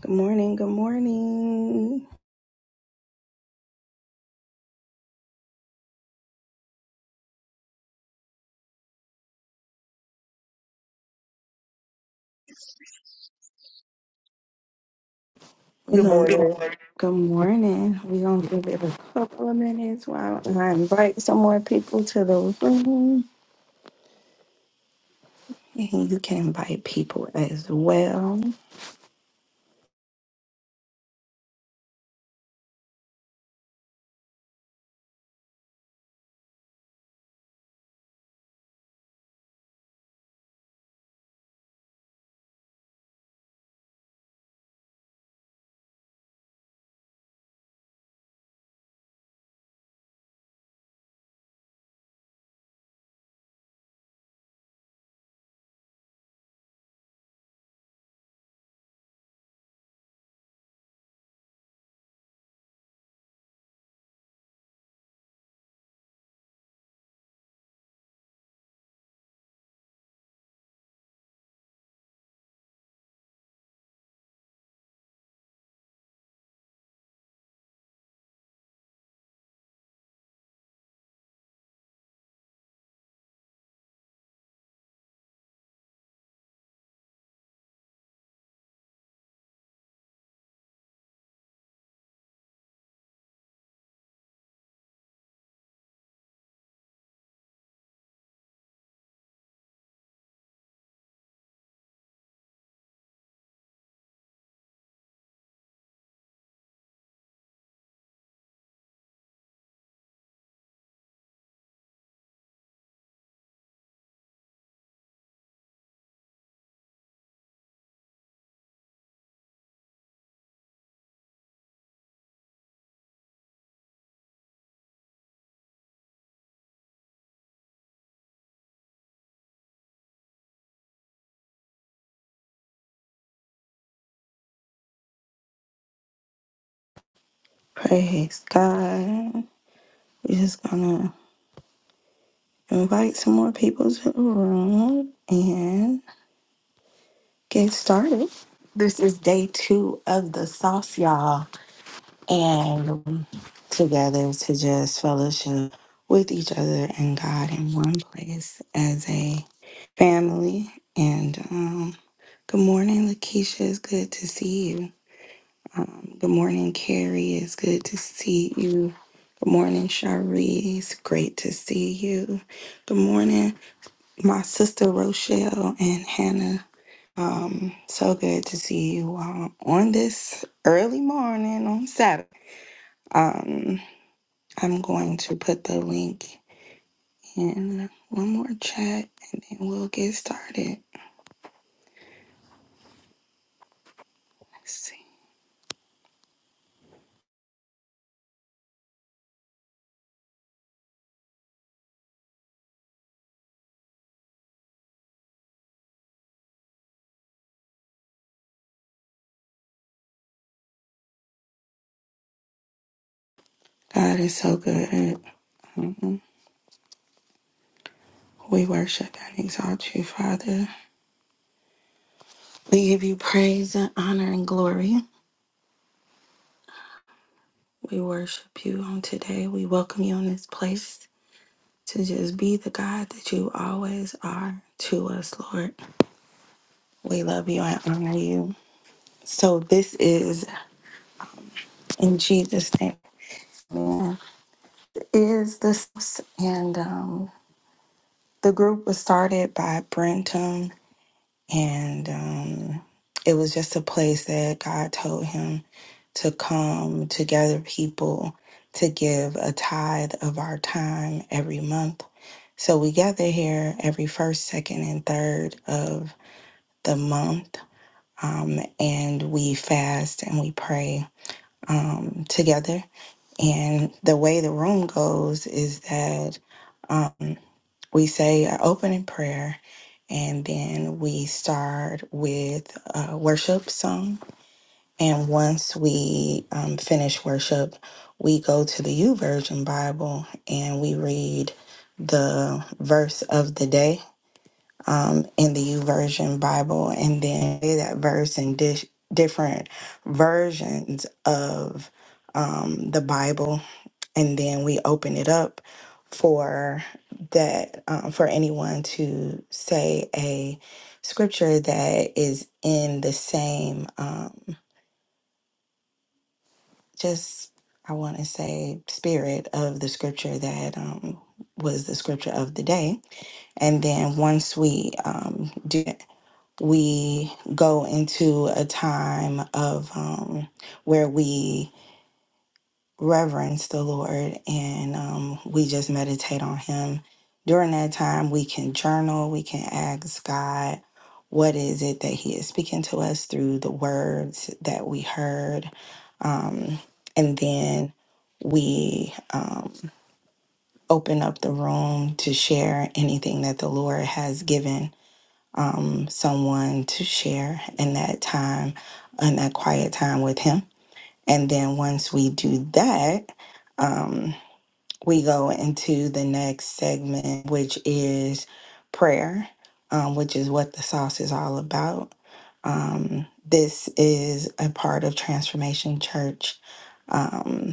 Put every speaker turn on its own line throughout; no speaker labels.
Good morning. Good morning. We
Good
gonna good morning.
morning.
Good morning. We gonna give it a couple of minutes while I invite some more people to the room, and you can invite people as well. Praise God. We're just gonna invite some more people to the room and get started. This is day two of the sauce, y'all, and together to just fellowship with each other and God in one place as a family. And um, good morning, Lakeisha. It's good to see you. Um, good morning, Carrie. It's good to see you. Good morning, Sharice. Great to see you. Good morning, my sister Rochelle and Hannah. Um, so good to see you um, on this early morning on Saturday. Um, I'm going to put the link And uh, one more chat and then we'll get started. Let's see. God is so good. Mhm. We worship and exalt you, Father. We give you praise and honor and glory. We worship you on today. We welcome you in this place to just be the God that you always are to us, Lord. We love you and honor you. So this is in Jesus' name. Amen. Is this and um the group was started by Brentum And um, it was just a place that God told him to come to gather people to give a tithe of our time every month. So we gather here every first, second, and third of the month. Um, and we fast and we pray um, together. And the way the room goes is that um, we say an opening prayer and then we start with a worship song. And once we um, finish worship, we go to the U Version Bible and we read the verse of the day um, in the U Version Bible, and then say that verse in dish, different versions of um, the Bible and then we open it up for that um, for anyone to say a scripture that is in the same um, just i want to say spirit of the scripture that um, was the scripture of the day and then once we um, do that, we go into a time of um, where we reverence the Lord and um, we just meditate on Him. During that time, we can journal, we can ask God, what is it that He is speaking to us through the words that we heard? Um, and then we um, open up the room to share anything that the Lord has given um, someone to share in that time, in that quiet time with Him. And then once we do that, um, we go into the next segment, which is prayer, um, which is what the sauce is all about. Um, this is a part of Transformation Church. Um,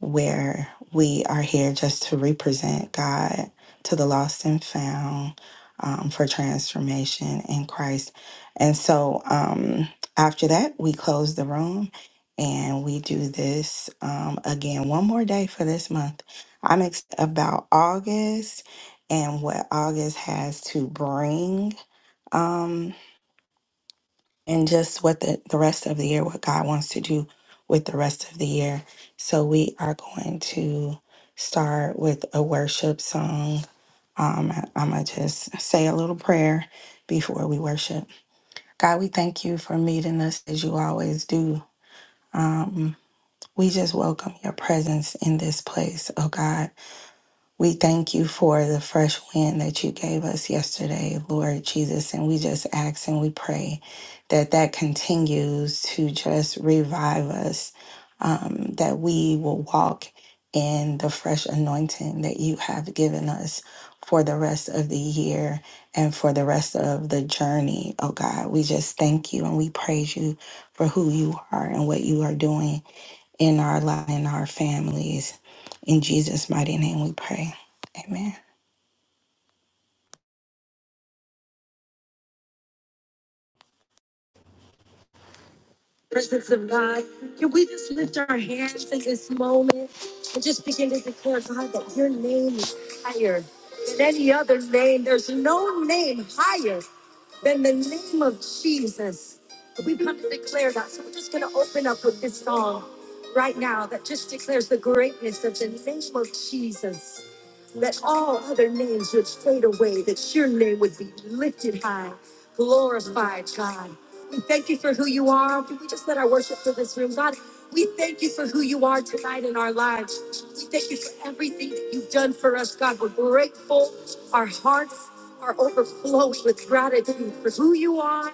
where we are here just to represent God to the lost and found um, for transformation in Christ. And so um, after that, we close the room and we do this um, again one more day for this month. I'm ex- about August and what August has to bring. Um, and just what the, the rest of the year, what God wants to do with the rest of the year. So we are going to start with a worship song. Um, I'm going to just say a little prayer before we worship. God, we thank you for meeting us as you always do. Um, we just welcome your presence in this place, oh God. We thank you for the fresh wind that you gave us yesterday, Lord Jesus. And we just ask and we pray that that continues to just revive us, um, that we will walk in the fresh anointing that you have given us for the rest of the year and for the rest of the journey. Oh God, we just thank you and we praise you for who you are and what you are doing in our life, in our families. In Jesus' mighty name we pray. Amen. Presence of God. Can we just lift our hands in this moment and just begin to declare, God, that your name is higher than any other name? There's no name higher than the name of Jesus. We come to declare that. So we're just going to open up with this song right now that just declares the greatness of the name of Jesus. Let all other names would fade away, that your name would be lifted high, glorified, God. We thank you for who you are. Can we just let our worship fill this room? God, we thank you for who you are tonight in our lives. We thank you for everything that you've done for us, God. We're grateful. Our hearts are overflowing with gratitude for who you are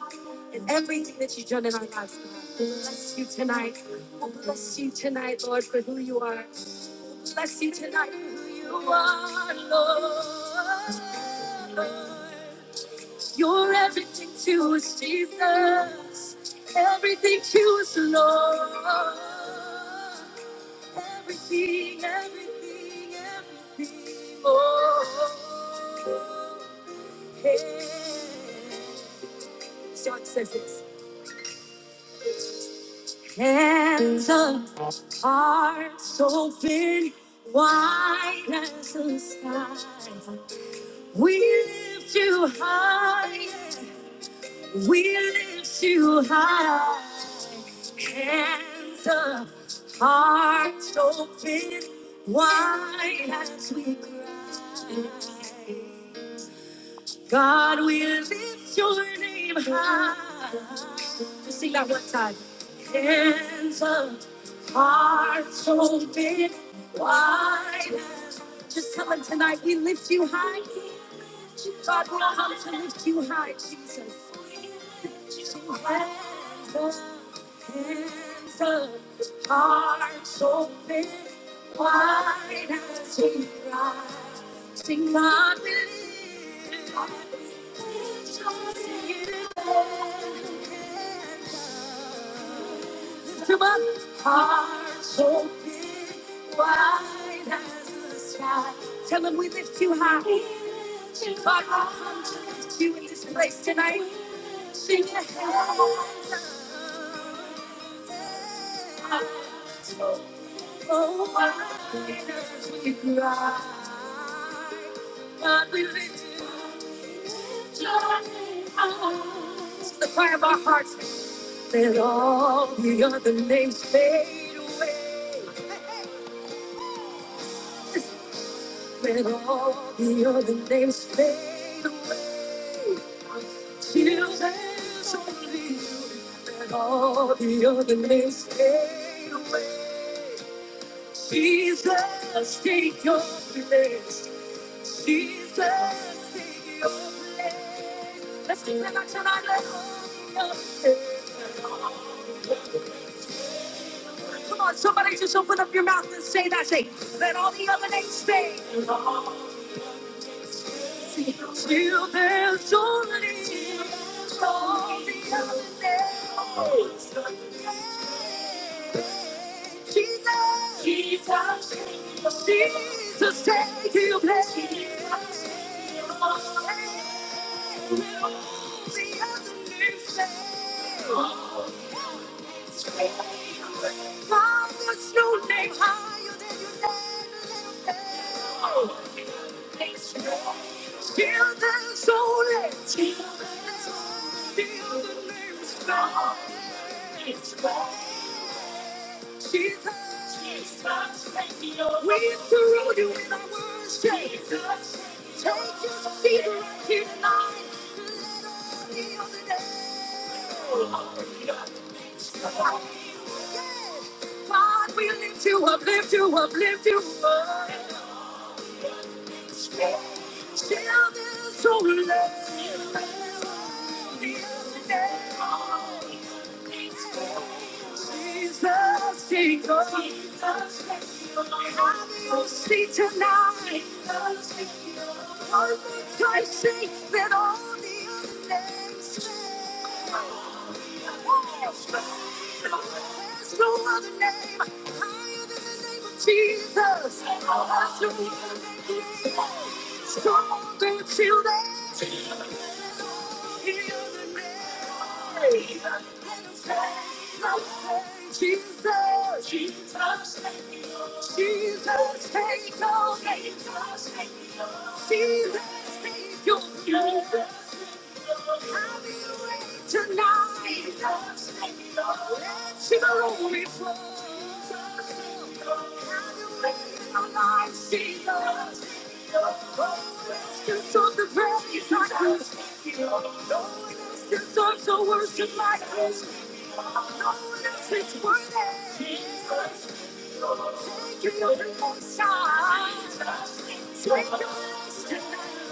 and everything that you've done in our lives. God. Bless you tonight. Oh, bless you tonight, Lord, for who you are. Bless you tonight for who you are, Lord. You're everything to us, Jesus. Everything to us, Lord. Everything, everything, everything, oh. Hey. John says this. Hands up, hearts open, wide as the sky. We lift you high, we lift you high. Hands up, hearts open, wide as we cry. God, we lift your name high. Just sing that one time. Hands up, hearts open, wide. Just tell him tonight, we lift you high. God, we come to lift you high, Jesus. Hands up. Tell them we lift you high. God, I come to lift you in this place tonight. Sing your hands. Oh, why on earth we cry? God, we lift you up. Joy arms. The cry of our hearts. Let all the other names fade away. Let all the other names fade away. Till there's only you. Let all the other names fade away. Jesus, take your place. Jesus, take your place. Let's sing that out tonight. Let all the other- Come on, somebody just open up your mouth and say that. Say, let all the other names stay. Let all the Till there's only all the other names. Jesus, Jesus, Jesus, take your place. Jesus, all the other names say, Mom, there's no name higher than your name. Still dancing. Still dancing. The other name is fame. Still dancing. She's hot. She's hot. Take me on a way to Rome. You and I were strangers. Take your seat right here tonight. To let on the other name. Still dancing. God, we lift you up, lift you up, lift you up. Till there's only Jesus, take over. Have your seat tonight. One more time, sing that all the other names fail. There's no other name higher than the name of Jesus. There's no other name stronger than today. Any other name. Jesus, Jesus, Jesus, take over. Jesus, take over. Jesus, take over. Have your way. Tonight, let your glory flow. Have your way in our lives, Jesus. Oh, let's just sort the praise like this. Oh, let's just sort the worship like this. Oh, let's just worship. Jesus. Take your most high. Take your most tonight.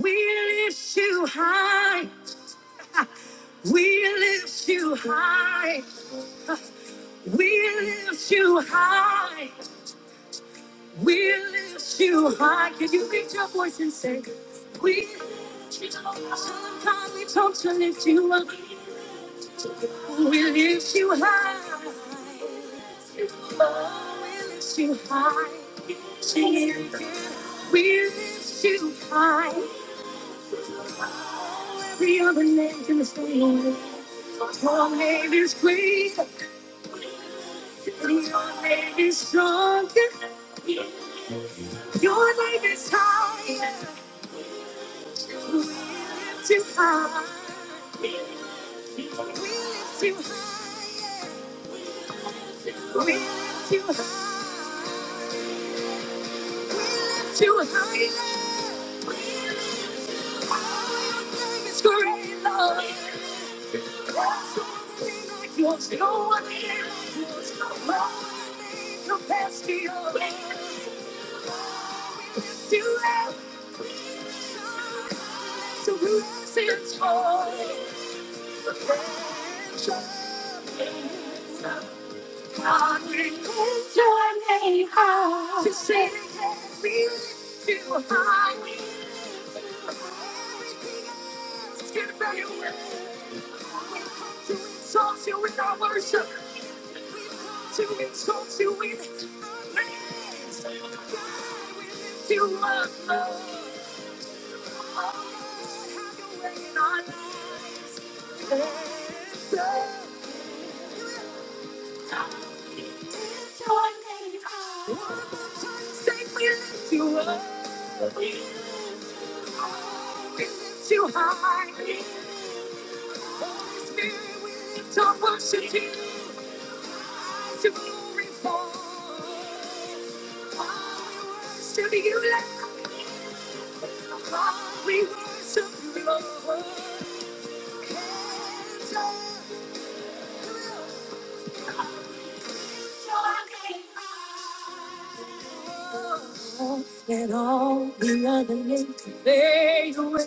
We lift you high. We lift you high. We lift you high. We lift you high. Can you lift your voice and say, We lift you high. Sometimes we talk to lift you up. We lift you high. Oh, we lift you high. Jesus. We lift you high. Every other name can stand. Your name is great. Your name is stronger. Your name is higher. We lift you high. We lift you high. We lift you high. We lift you higher. We lift you high. Your name is great, Lord. There's no one like yours. No one like yours. No one name compares to Thank you. And all the other names can fade away.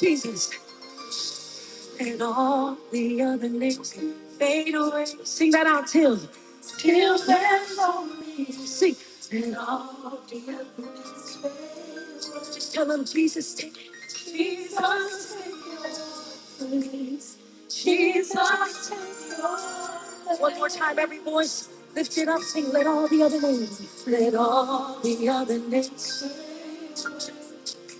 Jesus. And all the other names can fade away. Sing that out till. Till there's only. Sing. And all the other names fade away. Just tell them Jesus. take it. Jesus. take it. Jesus. take all. One more time, every voice lift it up, sing, let all the other names, let all the other names.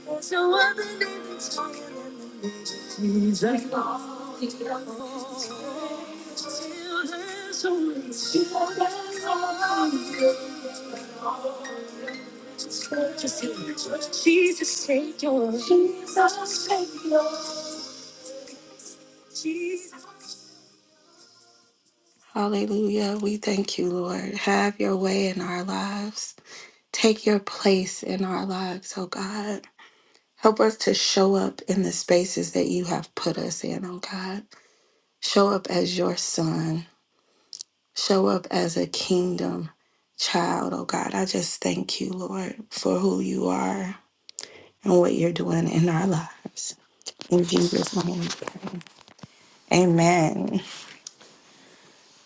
There's no other name that's higher than the name of Jesus. Let all the other names. Till there's only Jesus, take yours. Jesus, take yours. Jesus. Hallelujah. We thank you, Lord. Have your way in our lives. Take your place in our lives, oh God. Help us to show up in the spaces that you have put us in, oh God. Show up as your son. Show up as a kingdom child, oh God. I just thank you, Lord, for who you are and what you're doing in our lives. In Jesus' name. we pray. Amen.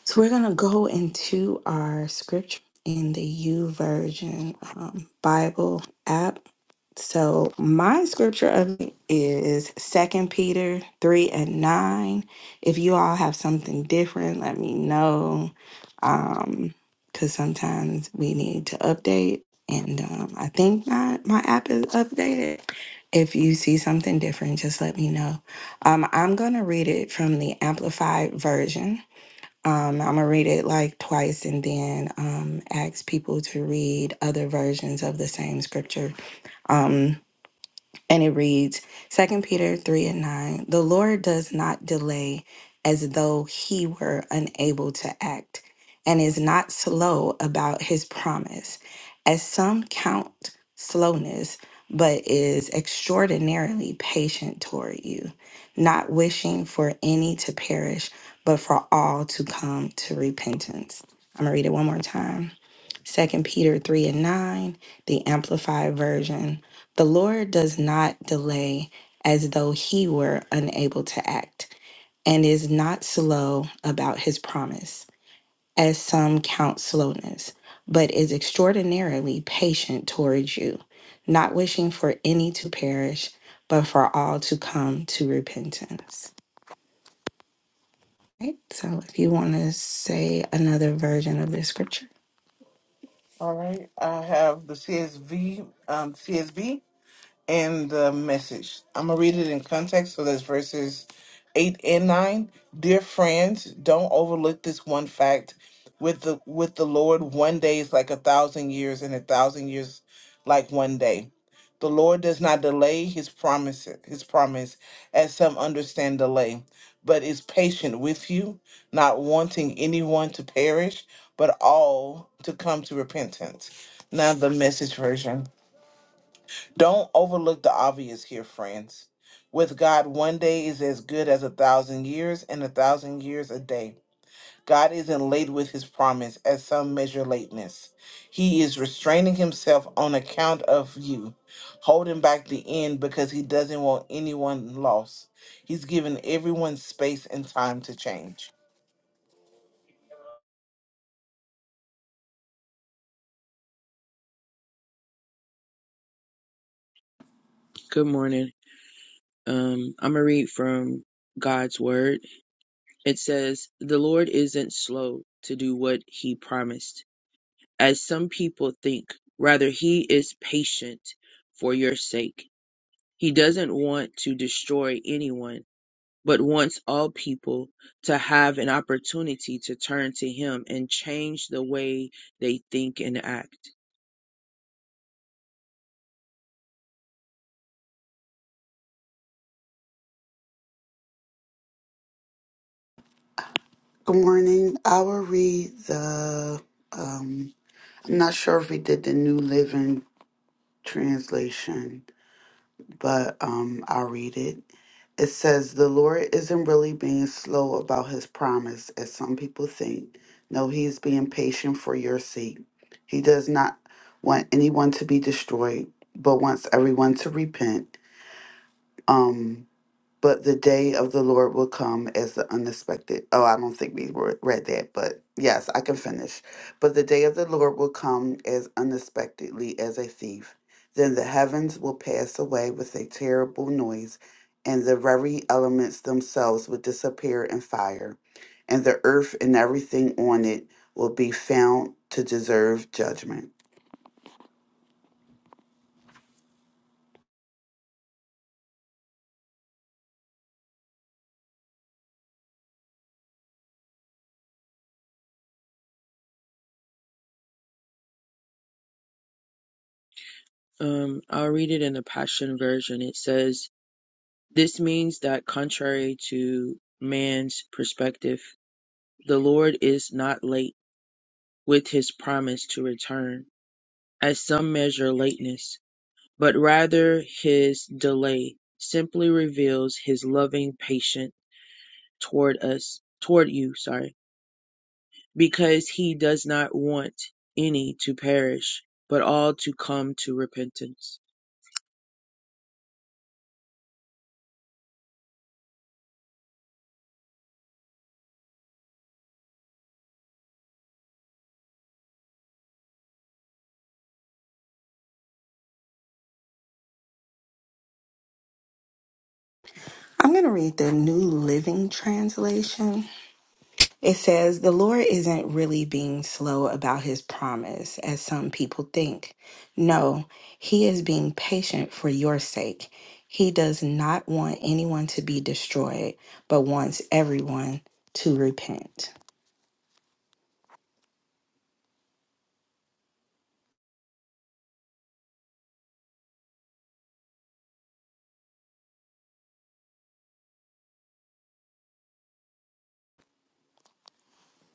So we're going to go into our scripture in the U Version um, Bible app. So my scripture of it is is Second Peter 3 and 9. If you all have something different, let me know. Um, because sometimes we need to update. And um, I think my, my app is updated. If you see something different, just let me know. Um, I'm going to read it from the Amplified Version. Um, I'm gonna read it like twice and then um, ask people to read other versions of the same scripture. Um, and it reads Second Peter 3 and 9 The Lord does not delay as though he were unable to act, and is not slow about his promise, as some count slowness, but is extraordinarily patient toward you, not wishing for any to perish, but for all to come to repentance. I'm going to read it one more time. Second Peter 3 and 9, the Amplified Version. The Lord does not delay as though he were unable to act, and is not slow about his promise, as some count slowness, but is extraordinarily patient towards you, not wishing for any to perish, but for all to come to repentance. Right? So if you want to say another version of this scripture.
All right. I have the CSV, um, CSB and the message. I'm going to read it in context. So that's verses 8 and 9. Dear friends, don't overlook this one fact. With the with the Lord, one day is like a thousand years, and a thousand years like one day. The Lord does not delay his promise, his promise, as some understand delay, but is patient with you, not wanting anyone to perish, but all to come to repentance. Now the message version. Don't overlook the obvious here, friends. With God, one day is as good as a thousand years, and a thousand years a day. God isn't late with his promise, as some measure lateness. He is restraining himself on account of you, holding back the end because he doesn't want anyone lost. He's giving everyone space and time to change.
Good morning. Um, I'm gonna read from God's word. It says, The Lord isn't slow to do what he promised, as some people think. Rather, he is patient for your sake. He doesn't want to destroy anyone, but wants all people to have an opportunity to turn to him and change the way they think and act.
Good morning. I will read the. Um, I'm not sure if we did the New Living Translation, but um, I'll read it. It says, The Lord isn't really being slow about his promise, as some people think. No, he is being patient for your sake. He does not want anyone to be destroyed, but wants everyone to repent. Um, but the day of the Lord will come as the unexpected. Oh, I don't think we re- read that, but yes, I can finish. But the day of the Lord will come as unexpectedly as a thief. Then the heavens will pass away with a terrible noise, and the very elements themselves will disappear in fire, and the earth and everything on it will be found to deserve judgment.
Um, I'll read it in the Passion Version. It says, This means that contrary to man's perspective, the Lord is not late with his promise to return, as some measure lateness, but rather his delay simply reveals his loving patience toward us, toward you, sorry, because he does not want any to perish, but all to come to repentance.
I'm going to read the New Living Translation It says, The Lord isn't really being slow about his promise, as some people think. No, he is being patient for your sake. He does not want anyone to be destroyed, but wants everyone to repent.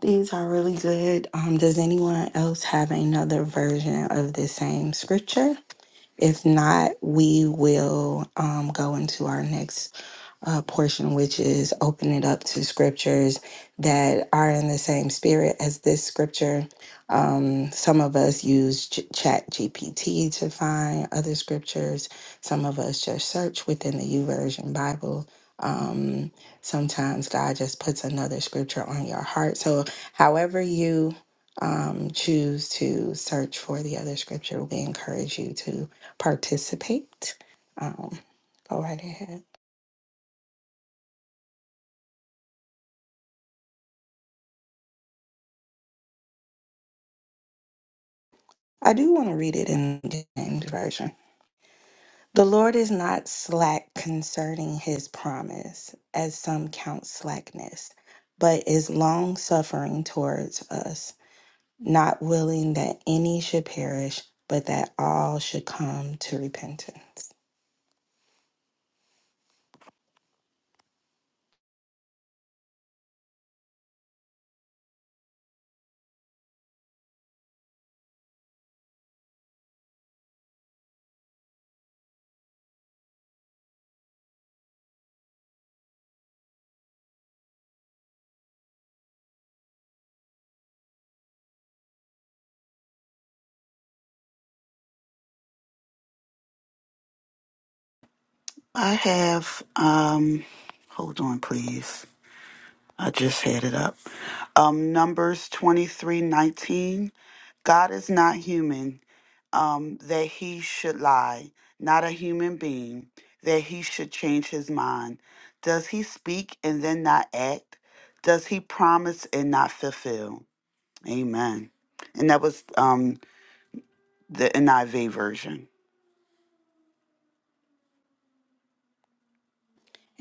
These are really good. Um, does anyone else have another version of the same scripture? If not, we will um, go into our next uh, portion, which is open it up to scriptures that are in the same spirit as this scripture. Um, some of us use Ch- Chat GPT to find other scriptures. Some of us just search within the YouVersion Bible. Um, sometimes God just puts another scripture on your heart. So, however you um, choose to search for the other scripture, we encourage you to participate. Um, go right ahead. I do want to read it in the James Version. The Lord is not slack concerning his promise, as some count slackness, but is long suffering towards us, not willing that any should perish, but that all should come to repentance.
I have, um, hold on, please. I just had it up. um, Numbers 23 19. God is not human, um, that he should lie, not a human being, that he should change his mind. Does he speak and then not act? Does he promise and not fulfill? Amen. And that was um, the NIV version.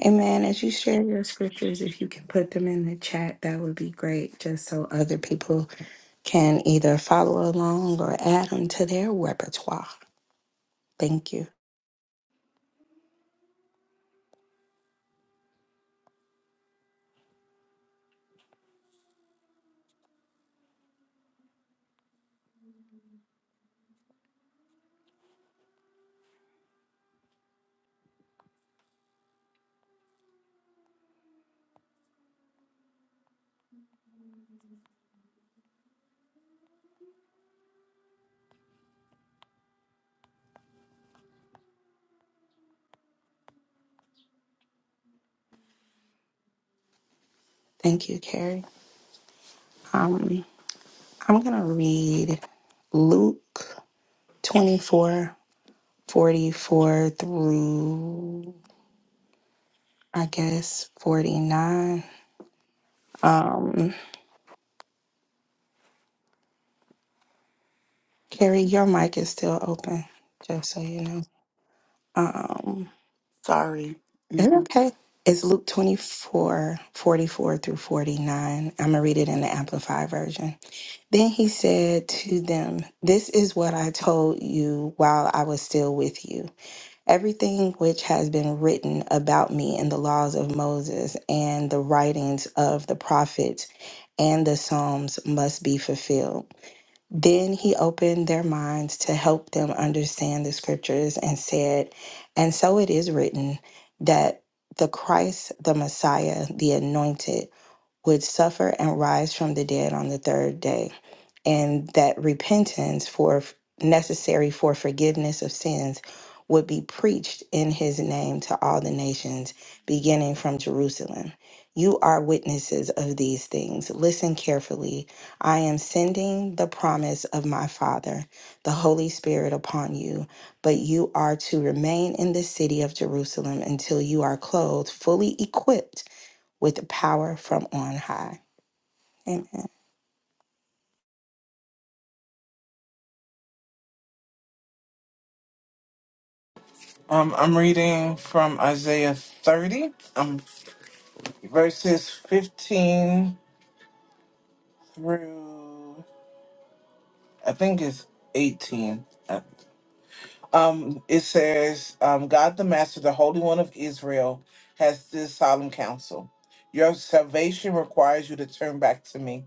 Amen. As you share your scriptures, if you can put them in the chat, that would be great, just so other people can either follow along or add them to their repertoire. Thank you. Thank you, Carrie. Um, I'm going to read Luke 24 44 through, I guess, 49. Um, Carrie, your mic is still open, just so you know. Um,
Sorry.
It's
hmm
okay. It's Luke 24 44 through 49. I'm going to read it in the Amplified Version. Then he said to them, This is what I told you while I was still with you. Everything which has been written about me in the laws of Moses and the writings of the prophets and the Psalms must be fulfilled. Then he opened their minds to help them understand the scriptures and said, And so it is written that the Christ, the Messiah, the anointed, would suffer and rise from the dead on the third day and that repentance for necessary for forgiveness of sins would be preached in his name to all the nations beginning from Jerusalem. You are witnesses of these things. Listen carefully. I am sending the promise of my Father, the Holy Spirit upon you, but you are to remain in the city of Jerusalem until you are clothed, fully equipped with the power from on high. Amen.
Um, I'm reading from Isaiah 30, um, verses 15 through I think it's 18. Uh, It says, um, God the Master, the Holy One of Israel, has this solemn counsel. Your salvation requires you to turn back to me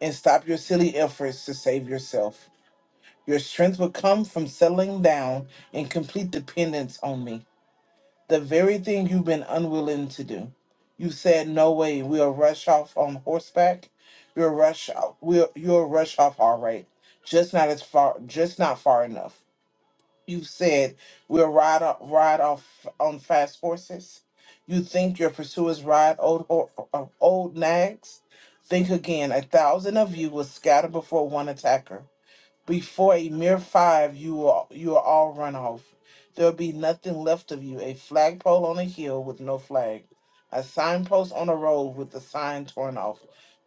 and stop your silly efforts to save yourself. Your strength will come from settling down in complete dependence on me, the very thing you've been unwilling to do. You said, No way, we'll rush off on horseback. You'll rush out, we'll, you'll rush off all right, just not as far, just not far enough. You've said we'll ride off, ride off on fast horses. You think your pursuers ride old ho- uh, old nags? Think again. A thousand of you will scatter before one attacker. Before a mere five, you will you are all run off. There will be nothing left of you. A flagpole on a hill with no flag, a signpost on a road with the sign torn off.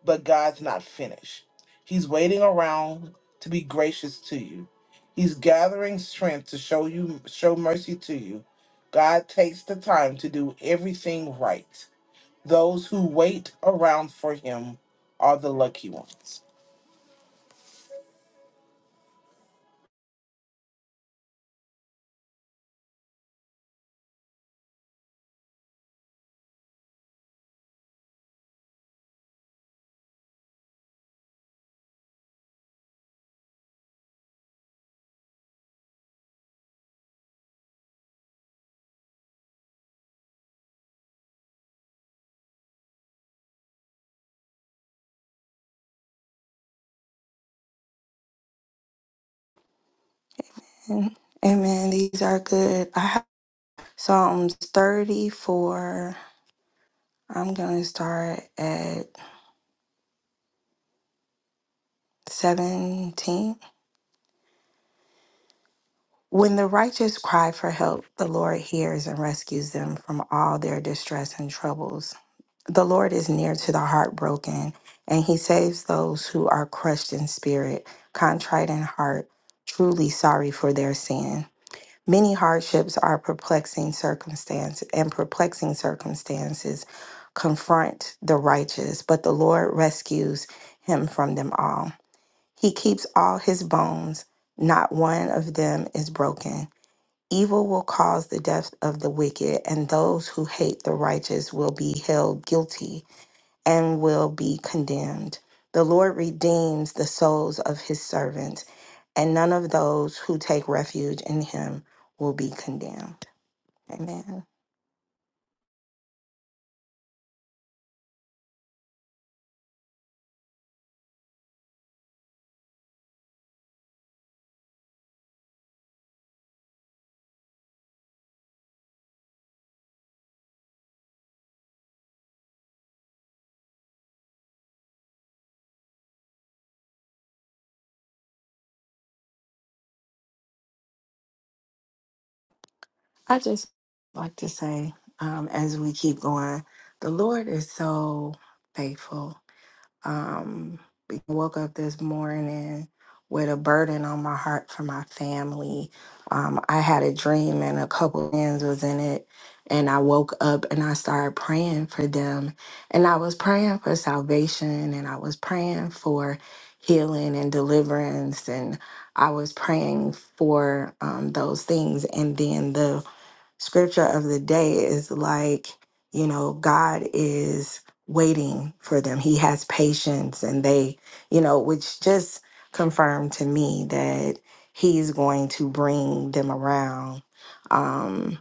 But God's not finished. He's waiting around to be gracious to you. He's gathering strength to show you show mercy to you. God takes the time to do everything right. Those who wait around for him are the lucky ones.
Amen. These are good. I have Psalms 34. I'm going to start at 17. When the righteous cry for help, the Lord hears and rescues them from all their distress and troubles. The Lord is near to the heartbroken, and he saves those who are crushed in spirit, contrite in heart, truly sorry for their sin. Many hardships are perplexing circumstance and perplexing circumstances confront the righteous, but the Lord rescues him from them all. He keeps all his bones, not one of them is broken. Evil will cause the death of the wicked, and those who hate the righteous will be held guilty and will be condemned. The Lord redeems the souls of his servants and none of those who take refuge in him will be condemned. Amen. I just like to say, um, as we keep going, the Lord is so faithful. Um, I woke up this morning with a burden on my heart for my family. Um, I had a dream and a couple friends was in it. And I woke up and I started praying for them. And I was praying for salvation and I was praying for healing and deliverance. And I was praying for um, those things. And then the scripture of the day is like, you know, God is waiting for them. He has patience and they, you know, which just confirmed to me that he's going to bring them around. Um,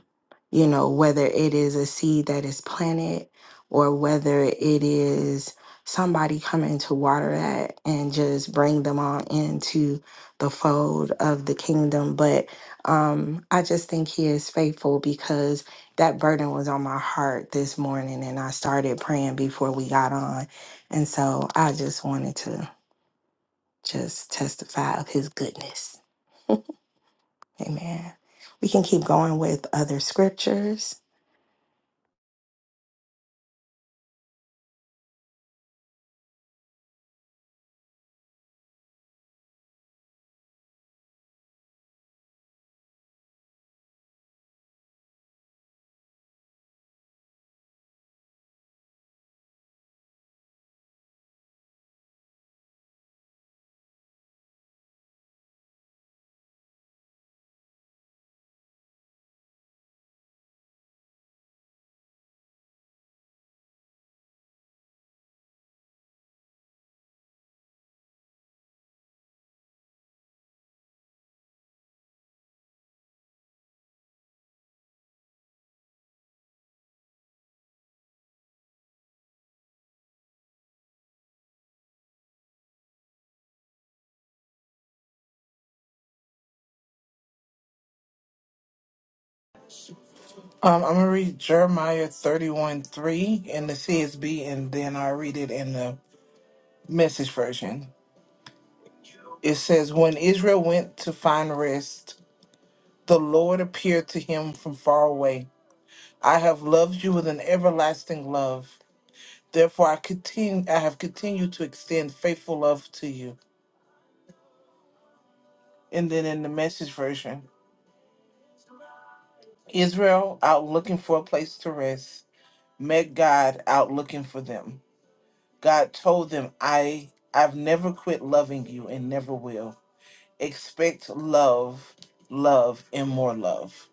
you know, whether it is a seed that is planted or whether it is somebody coming to water that and just bring them on into the fold of the kingdom. But um, I just think he is faithful because that burden was on my heart this morning and I started praying before we got on. And so I just wanted to just testify of his goodness. Amen. We can keep going with other scriptures.
Um, I'm gonna read Jeremiah 31 3 in the CSB and then I'll read it in the message version. It says, When Israel went to find rest, the Lord appeared to him from far away. I have loved you with an everlasting love. Therefore I continue I have continued to extend faithful love to you. And then in the message version, Israel out looking for a place to rest, met God out looking for them. God told them, I I've never quit loving you and never will. Expect love, love, and more love.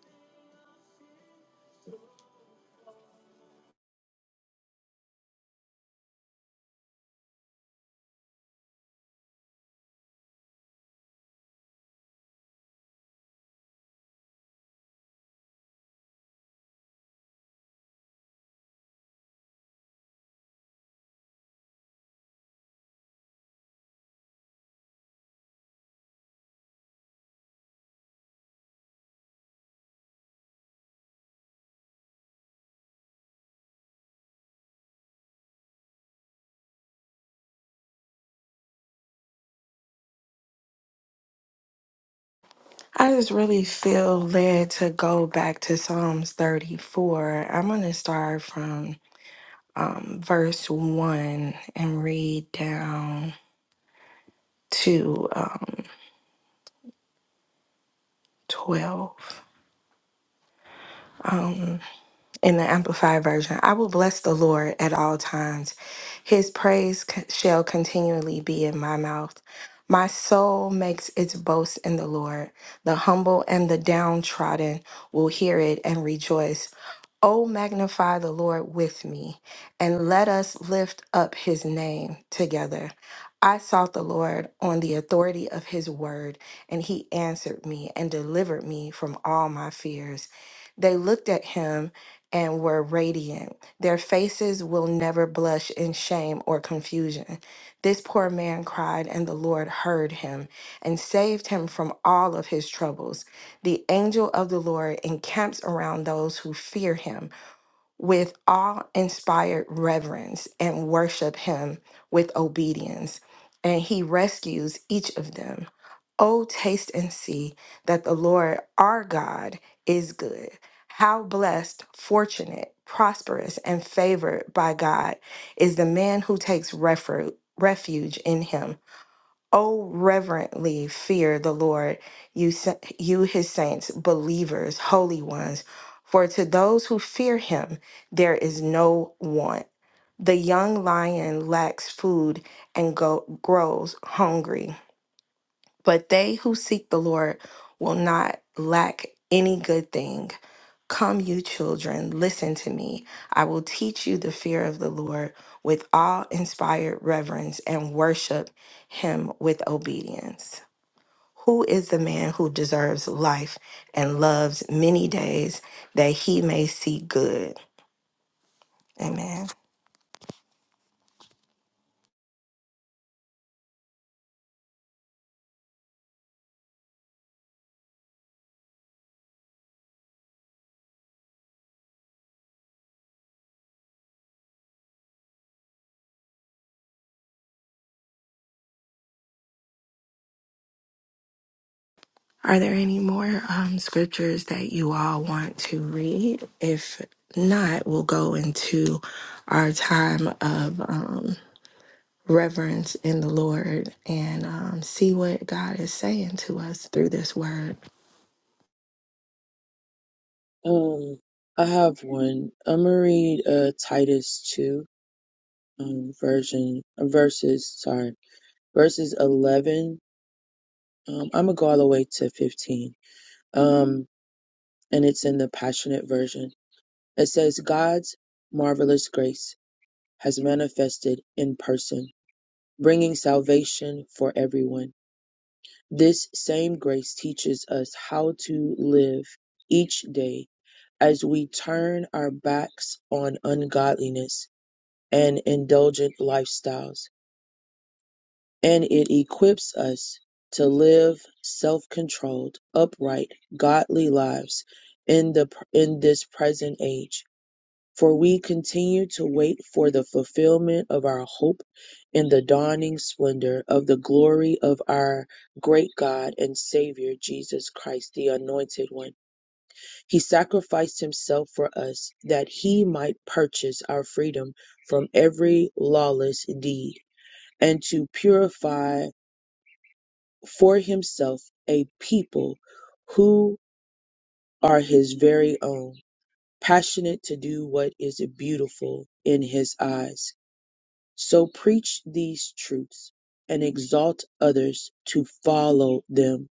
I just really feel led to go back to Psalms 34. I'm going to start from um, verse 1 and read down to um, 12. Um, in the Amplified Version, I will bless the Lord at all times. His praise c- shall continually be in my mouth. My soul makes its boast in the Lord. The humble and the downtrodden will hear it and rejoice. Oh, magnify the Lord with me, and let us lift up his name together. I sought the Lord on the authority of his word, and he answered me and delivered me from all my fears. They looked at him and were radiant. Their faces will never blush in shame or confusion. This poor man cried, and the Lord heard him and saved him from all of his troubles. The angel of the Lord encamps around those who fear him with awe inspired reverence and worship him with obedience, and he rescues each of them. Oh, taste and see that the Lord our God is good. How blessed, fortunate, prosperous, and favored by God is the man who takes refu- refuge in him. Oh, reverently fear the Lord, you, sa- you his saints, believers, holy ones, for to those who fear him there is no want. The young lion lacks food and go- grows hungry, but they who seek the Lord will not lack any good thing. Come, you children, listen to me. I will teach you the fear of the Lord with awe inspired reverence and worship him with obedience. Who is the man who deserves life and loves many days that he may see good? Amen. Are there any more um, scriptures that you all want to read? If not, we'll go into our time of. Um, reverence in the Lord and um, see what God is saying to us through this word.
Um, I have one. I'm gonna read uh, Titus 2 um, version uh, verses sorry verses 11 um, i'm gonna go all the way to 15 um, and it's in the passionate version it says god's marvelous grace has manifested in person bringing salvation for everyone this same grace teaches us how to live each day as we turn our backs on ungodliness and indulgent lifestyles and it equips us to live self-controlled, upright, godly lives in the in this present age. For we continue to wait for the fulfillment of our hope in the dawning splendor of the glory of our great God and Savior Jesus Christ, the Anointed One. He sacrificed himself for us that he might purchase our freedom from every lawless deed and to purify for himself a people who are his very own, passionate to do what is beautiful in his eyes. So preach these truths and exalt others to follow them.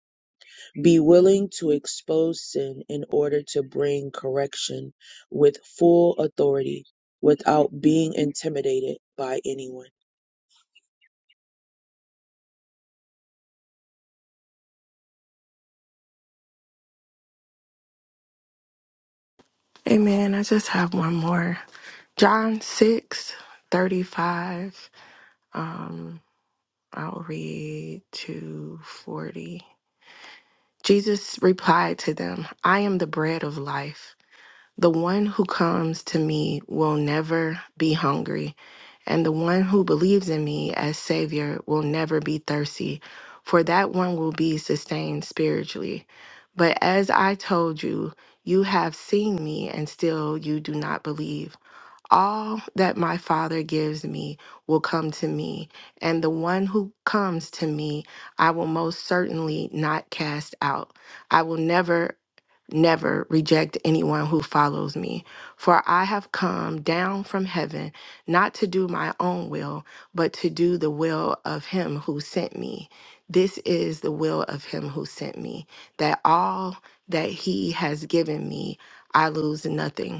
Be willing to expose sin in order to bring correction with full authority without being intimidated by anyone.
Amen. I just have one more. John six thirty-five. Um, I'll read to 40. Jesus replied to them, I am the bread of life. The one who comes to me will never be hungry, and the one who believes in me as Savior will never be thirsty, for that one will be sustained spiritually. But as I told you, you have seen me, and still you do not believe. All that my Father gives me will come to me, and the one who comes to me, I will most certainly not cast out. I will never, never reject anyone who follows me. For I have come down from heaven not to do my own will, but to do the will of him who sent me. This is the will of him who sent me, that all that he has given me, I lose nothing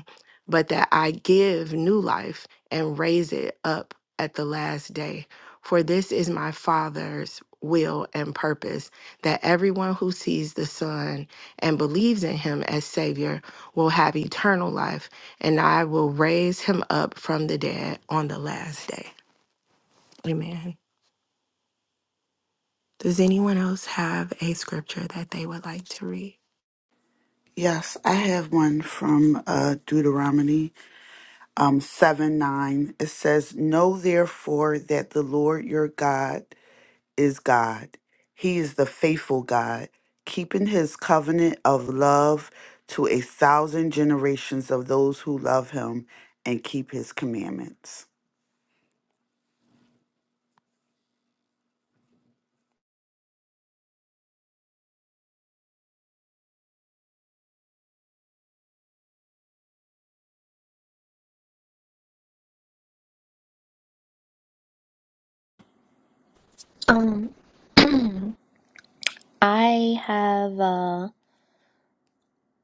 but that I give new life and raise it up at the last day. For this is my Father's will and purpose that everyone who sees the Son and believes in him as Savior will have eternal life, and I will raise him up from the dead on the last day. Amen. Does anyone else have a scripture that they would like to read?
Yes, I have one from uh, Deuteronomy um, 7 9. It says, Know therefore that the Lord your God is God. He is the faithful God, keeping his covenant of love to a thousand generations of those who love him and keep his commandments.
Um, I have uh,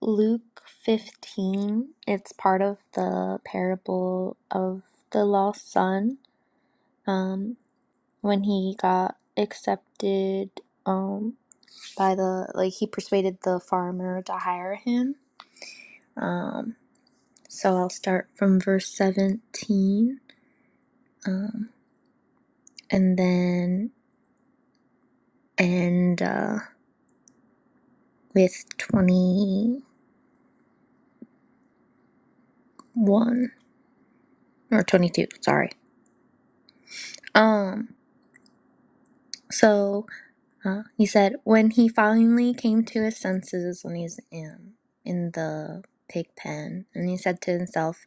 Luke 15. It's part of the parable of the lost son. Um, when he got accepted um, by the, like, he persuaded the farmer to hire him. Um, so I'll start from verse 17. Um, and then end uh, with 21 or 22, sorry. Um, So uh, he said when he finally came to his senses when he's in in the pig pen, and he said to himself,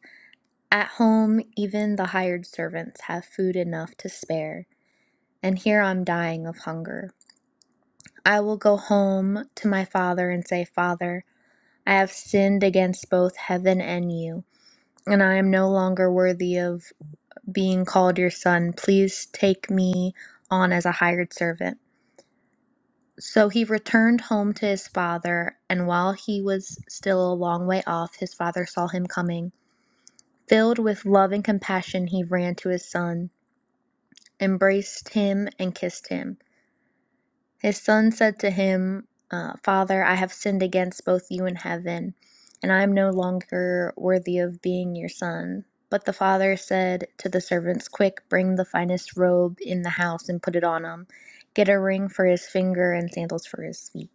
"At home, even the hired servants have food enough to spare, and here I'm dying of hunger. I will go home to my father and say, 'Father, I have sinned against both heaven and you." And I am no longer worthy of being called your son. Please take me on as a hired servant. So he returned home to his father, and while he was still a long way off, his father saw him coming. Filled with love and compassion, he ran to his son, embraced him, and kissed him. His son said to him, uh, Father, I have sinned against both you and heaven, and I am no longer worthy of being your son. But the father said to the servants, Quick, bring the finest robe in the house and put it on him. Get a ring for his finger and sandals for his feet.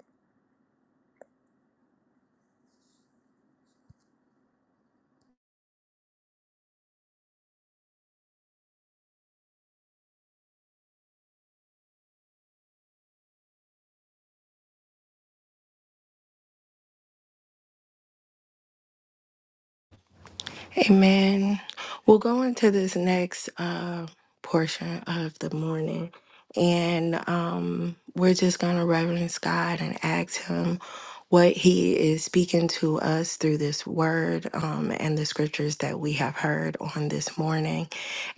Amen. We'll go into this next uh, portion of the morning, and um, we're just going to reverence God and ask Him what He is speaking to us through this word um, and the scriptures that we have heard on this morning.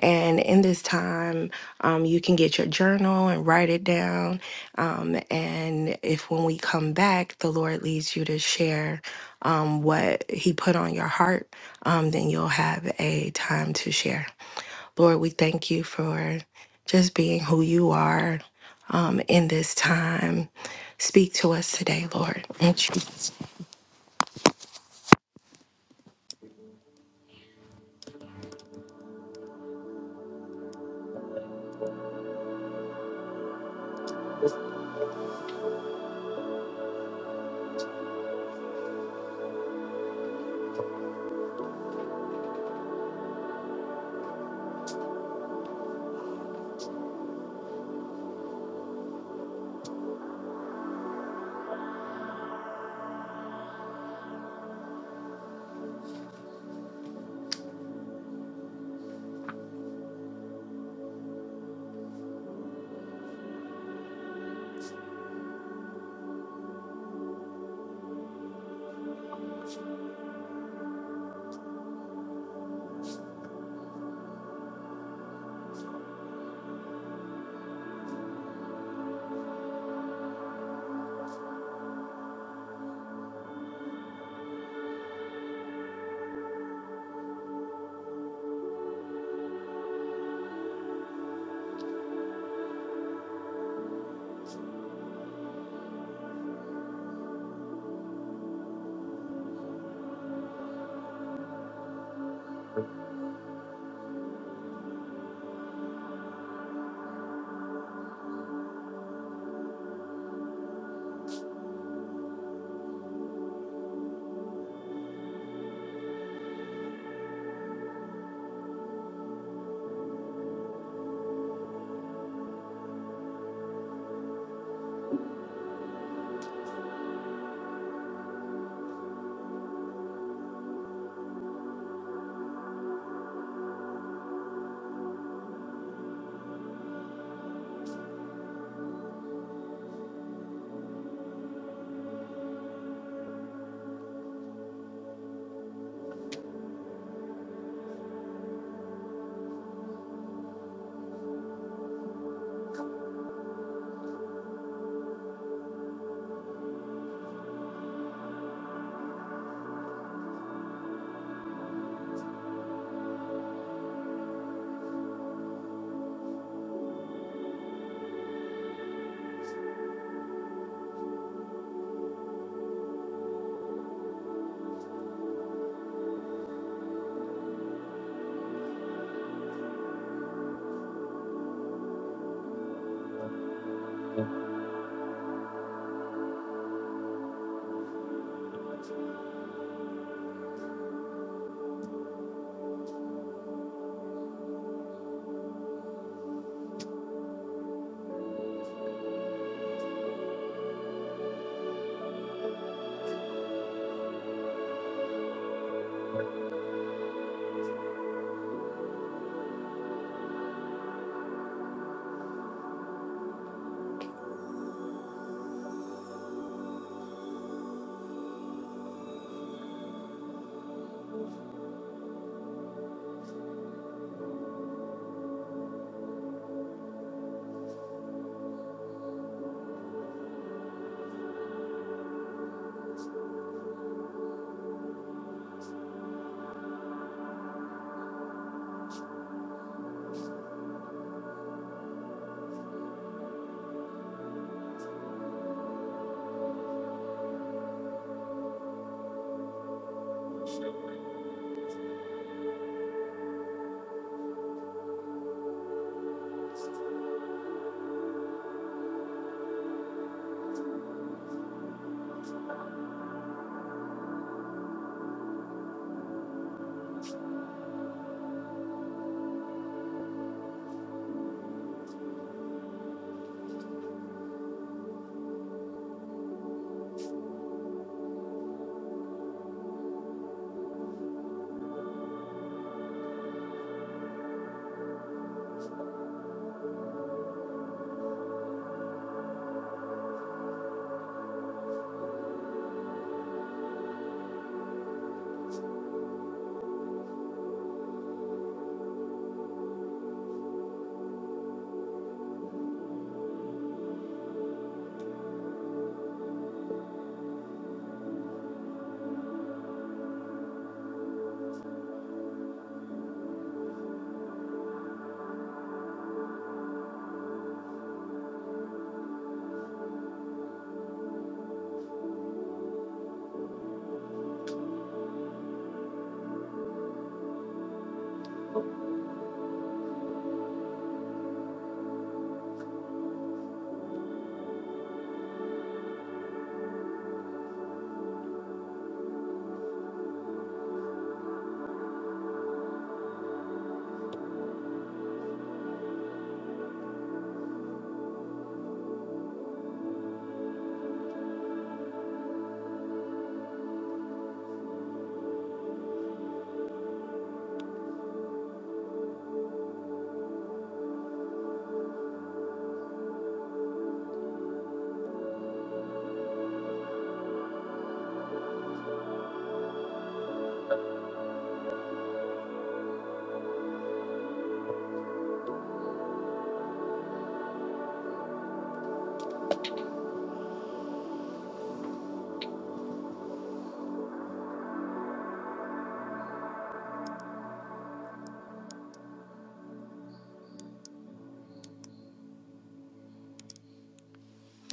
And in this time, um, you can get your journal and write it down. Um, and if when we come back, the Lord leads you to share um, what He put on your heart um, then you'll have a time to share. Lord, we thank you for just being who you are um, in this time. Speak to us today, Lord.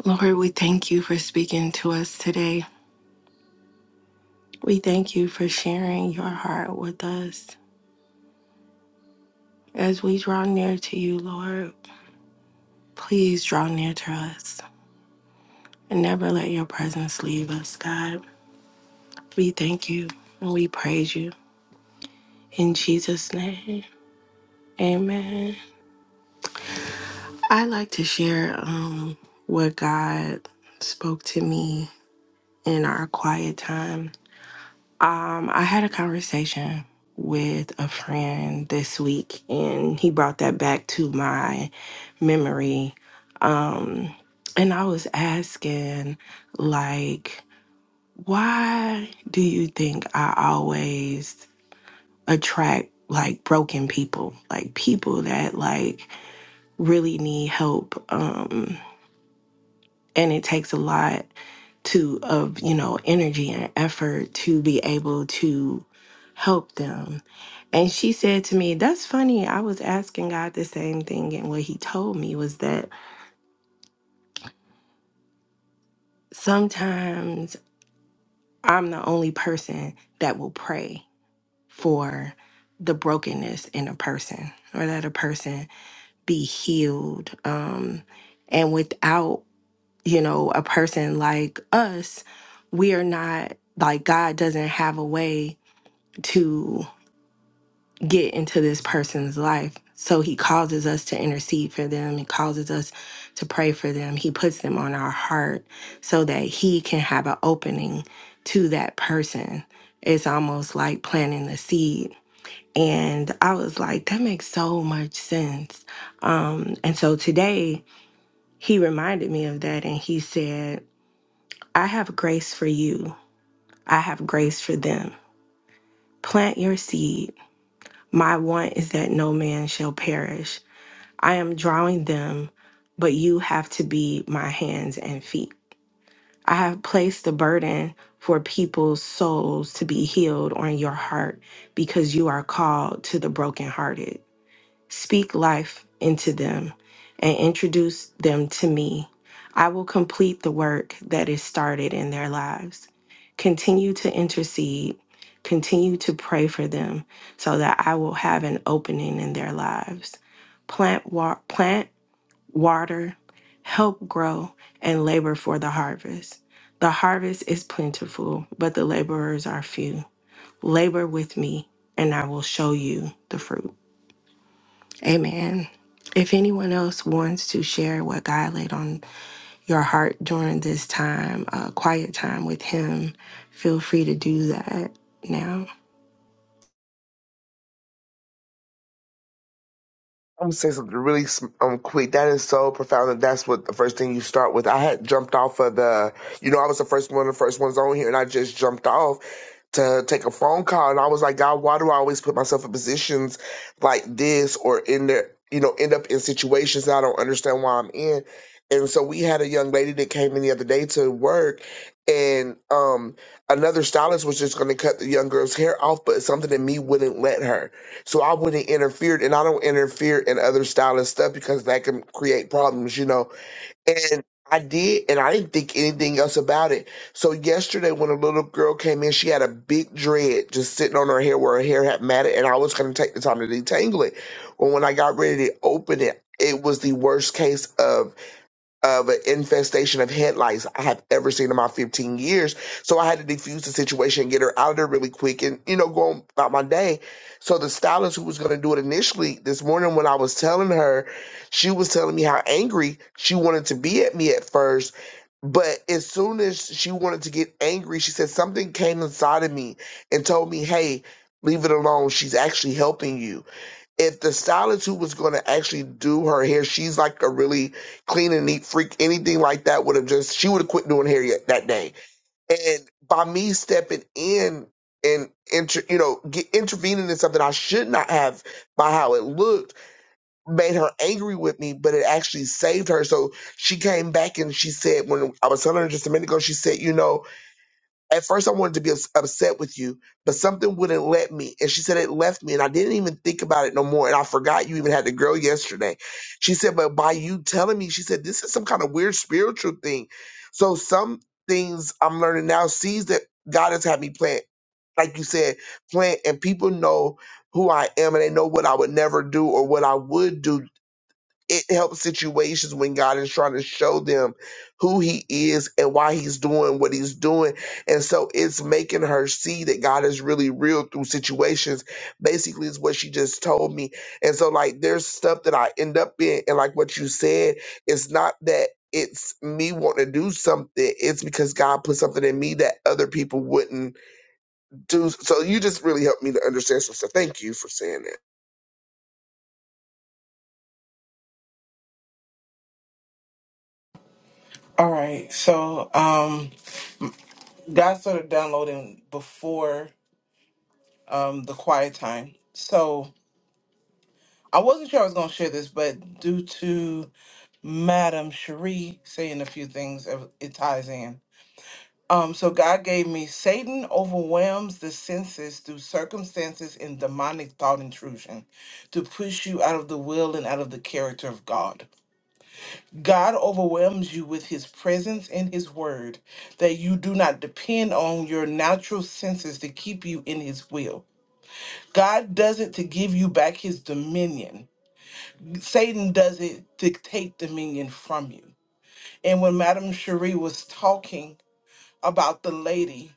Lord, we thank you for speaking to us today. We thank you for sharing your heart with us. As we draw near to you, Lord, please draw near to us and never let your presence leave us, God. We thank you and we praise you. In Jesus' name, amen. I like to share um, what God spoke to me in our quiet time. Um, I had a conversation with a friend this week, and he brought that back to my memory. Um, and I was asking, like, why do you think I always attract like broken people, like people that like really need help? Um, and it takes a lot to of you know energy and effort to be able to help them and she said to me that's funny i was asking god the same thing and what he told me was that sometimes i'm the only person that will pray for the brokenness in a person or that a person be healed um and without you know, a person like us, we are not like God doesn't have a way to get into this person's life. So he causes us to intercede for them. He causes us to pray for them. He puts them on our heart so that he can have an opening to that person. It's almost like planting the seed. And I was like, that makes so much sense. Um, and so today he reminded me of that and he said, I have grace for you. I have grace for them. Plant your seed. My want is that no man shall perish. I am drawing them, but you have to be my hands and feet. I have placed the burden for people's souls to be healed on your heart because you are called to the brokenhearted. Speak life into them and introduce them to me. I will complete the work that is started in their lives. Continue to intercede, continue to pray for them so that I will have an opening in their lives. Plant, wa- plant water, help grow, and labor for the harvest. The harvest is plentiful, but the laborers are few. Labor with me, and I will show you the fruit. Amen. If anyone else wants to share what God laid on your heart during this time, uh, quiet time with Him, feel free to do that now.
I'm s- it's so profound that that's what the first thing you start with. I had jumped off of the, you know, I was the first one, of the first ones on here, and I just jumped off. to take a phone call and I was like, God, why do I always put myself in positions like this or in the you know, end up in situations that I don't understand why I'm in. And so we had a young lady that came in the other day to work and um another stylist was just gonna cut the young girl's hair off, but something in me wouldn't let her. So I wouldn't interfere and I don't interfere in other stylist stuff because that can create problems, you know and I did, and I didn't think anything else about it. So yesterday, when a little girl came in, she had a big dread just sitting on her hair where her hair had matted, and I was going to take the time to detangle it. But when I got ready to open it, it was the worst case of of an infestation of headlights I have ever seen in my 15 years. So I had to defuse the situation, get her out of there really quick, and you know, go on about my day. So the stylist who was going to do it initially this morning, when I was telling her, she was telling me how angry she wanted to be at me at first. But as soon as she wanted to get angry, she said something came inside of me and told me, "Hey, leave it alone. She's actually helping you." if the stylist who was going to actually do her hair, she's like a really clean and neat freak, anything like that would have just, she would have quit doing hair yet that day. And by me stepping in and, inter, you know, get, intervening in something I should not have by how it looked made her angry with me, but it actually saved her. So she came back and she said, when I was telling her just a minute ago, she said, you know, at first, I wanted to be ups- upset with you, but something wouldn't let me. And she said it left me, and I didn't even think about it no more. And I forgot you even had the girl yesterday. She said, but by you telling me, she said, this is some kind of weird spiritual thing. So some things I'm learning now, seeds that God has had me plant, like you said, plant, and people know who I am and they know what I would never do or what I would do it helps situations when God is trying to show them who He is and why He's doing what He's doing. And so it's making her see that God is really real through situations, basically, is what she just told me. And so, like, there's stuff that I end up in, and like what you said, it's not that. It's me wanting to do something. It's because God put something in me that other people wouldn't do. So you just really helped me to understand some stuff. Thank you for saying that.
All right. So um God started downloading before um the quiet time. So I wasn't sure I was gonna share this, but due to Madam Cherie saying a few things, it ties in. Um, so God gave me Satan overwhelms the senses through circumstances and demonic thought intrusion to push you out of the will and out of the character of God. God overwhelms you with his presence and his word that you do not depend on your natural senses to keep you in his will. God does it to give you back his dominion. Satan does it to take dominion from you. And when Madame Cherie was talking about the lady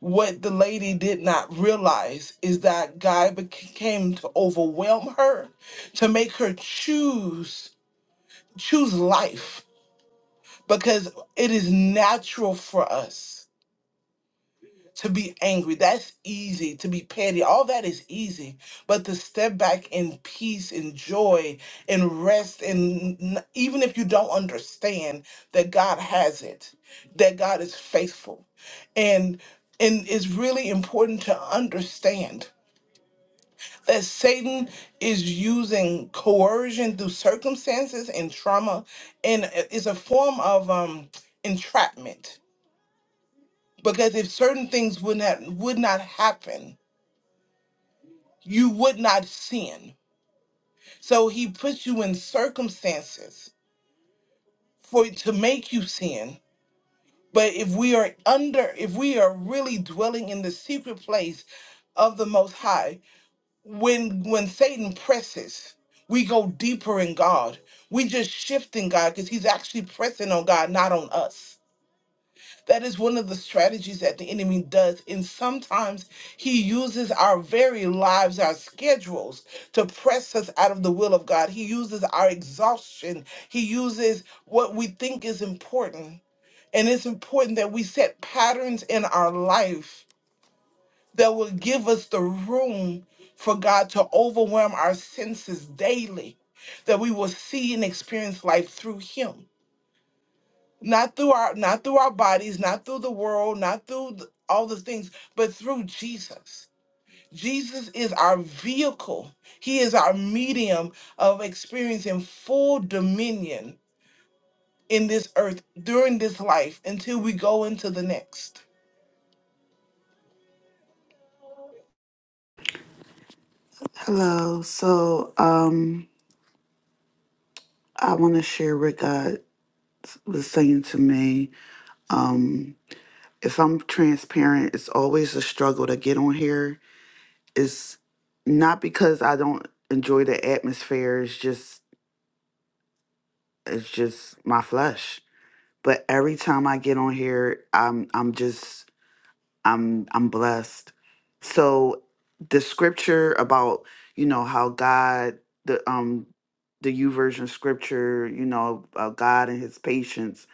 What the lady did not realize is that guy became to overwhelm her, to make her choose choose life because it is natural for us to be angry that's easy to be petty all that is easy but to step back in peace and joy and rest and n- even if you don't understand that god has it that god is faithful and and it's really important to understand that satan is using coercion through circumstances and trauma and it- it's a form of um entrapment because if certain things would not would not happen you would not sin. So he puts you in circumstances for to make you sin. But if we are under, if we are really dwelling in the secret place of the Most High, when when Satan presses, we go deeper in God. We just shift in God because He's actually pressing on God, not on us. That is one of the strategies that the enemy does. And sometimes he uses our very lives, our schedules, to press us out of the will of God. He uses our exhaustion, he uses what we think is important. And it's important that we set patterns in our life that will give us the room for God to overwhelm our senses daily, that we will see and experience life through him not through our not through our bodies not through the world not through th- all the things but through jesus jesus is our vehicle he is our medium of experiencing full dominion in this earth during this life until we go into the next
Hello. So, um, I want to share what God was saying to me. Um, if I'm transparent, it's always a struggle to get on here. It's not because I don't enjoy the atmosphere. It's just, it's just my flesh but every time I get on here, I'm I'm just I'm I'm blessed. So the scripture about you know how God the um the U version scripture you know about God and His patience,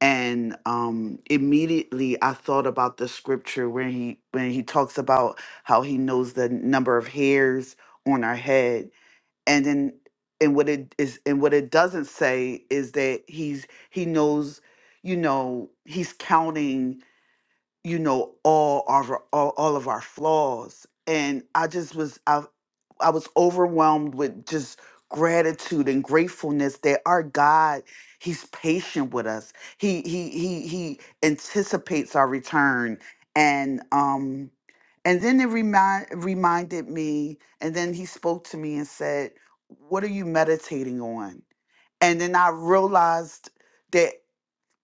and um immediately I thought about the scripture where he when he talks about how he knows the number of hairs on our head and then and what it is and what it doesn't say is that he's he knows you know he's counting you know all our all, all of our flaws and i just was i i was overwhelmed with just gratitude and gratefulness that our god he's patient with us he he he he anticipates our return and um and then it remind reminded me and then he spoke to me and said what are you meditating on and then i realized that.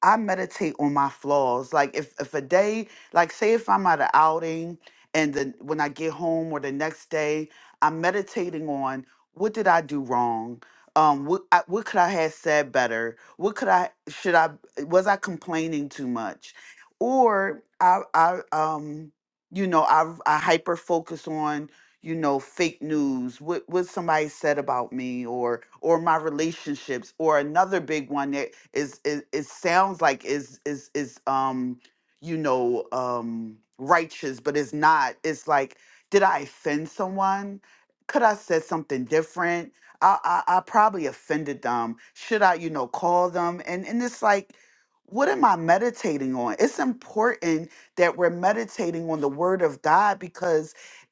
I meditate on my flaws. Like if if a day, like say if I'm at an outing and then when I get home or the next day, I'm meditating on what did I do wrong? Um, what I, what could I have said better? What could I should I was I complaining too much? Or I I um you know I I hyper focus on you know fake news what what somebody said about me or or my relationships or another big one that is is it sounds like is is is um you know um righteous but it's not it's like did i offend someone could i said something different i i, I probably offended them should i you know call them and and it's like what am i meditating on it's important that we're meditating on the word of god because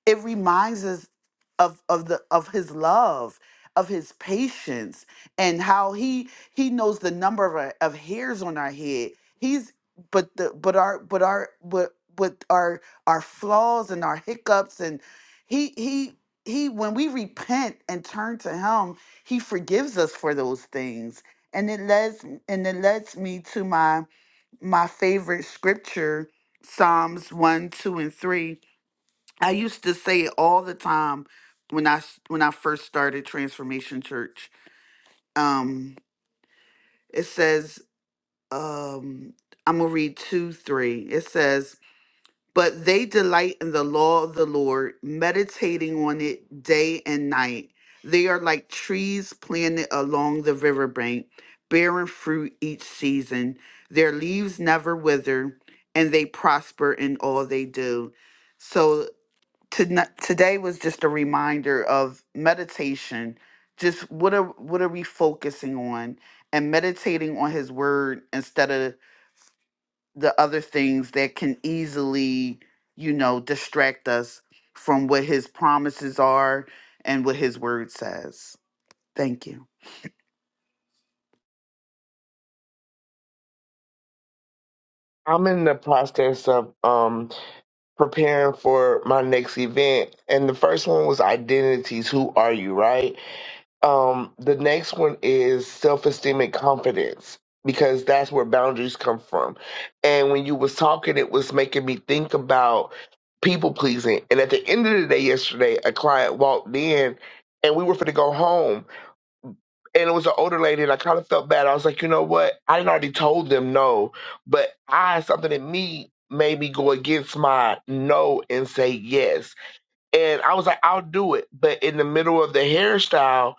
it reminds us of of the of his love of his patience and how he he knows the number of, our, of hairs on our head he's but the but our but our but with our our flaws and our hiccups and he he he when we repent and turn to him he forgives us for those things and it lets and it lets me to my my favorite scripture psalms 1 2 and 3 I used to say it all the time when I s- when I first started Transformation Church. Um, it says, um, I'm gonna read two, three. It says, "But they delight in the law of the Lord, meditating on it day and night. They are like trees planted along the riverbank, bearing fruit each season. Their leaves never wither, and they prosper in all they do." So to, not, today was just a reminder of meditation. Just what are what are we focusing on and meditating on His Word instead of the other things that can easily, you know, distract us from what His promises are and what His Word says. Thank you.
I'm in the process of um preparing for my next event and the first one was identities who are you right um the next one is self-esteem and confidence because that's where boundaries come from and when you was talking it was making me think about people pleasing and at the end of the day yesterday a client walked in and we were for to go home and it was an older lady, and I kind of felt bad. I was like, you know what? I didn't already told them no, but I something in me made me go against my no and say yes. And I was like, I'll do it. But in the middle of the hairstyle,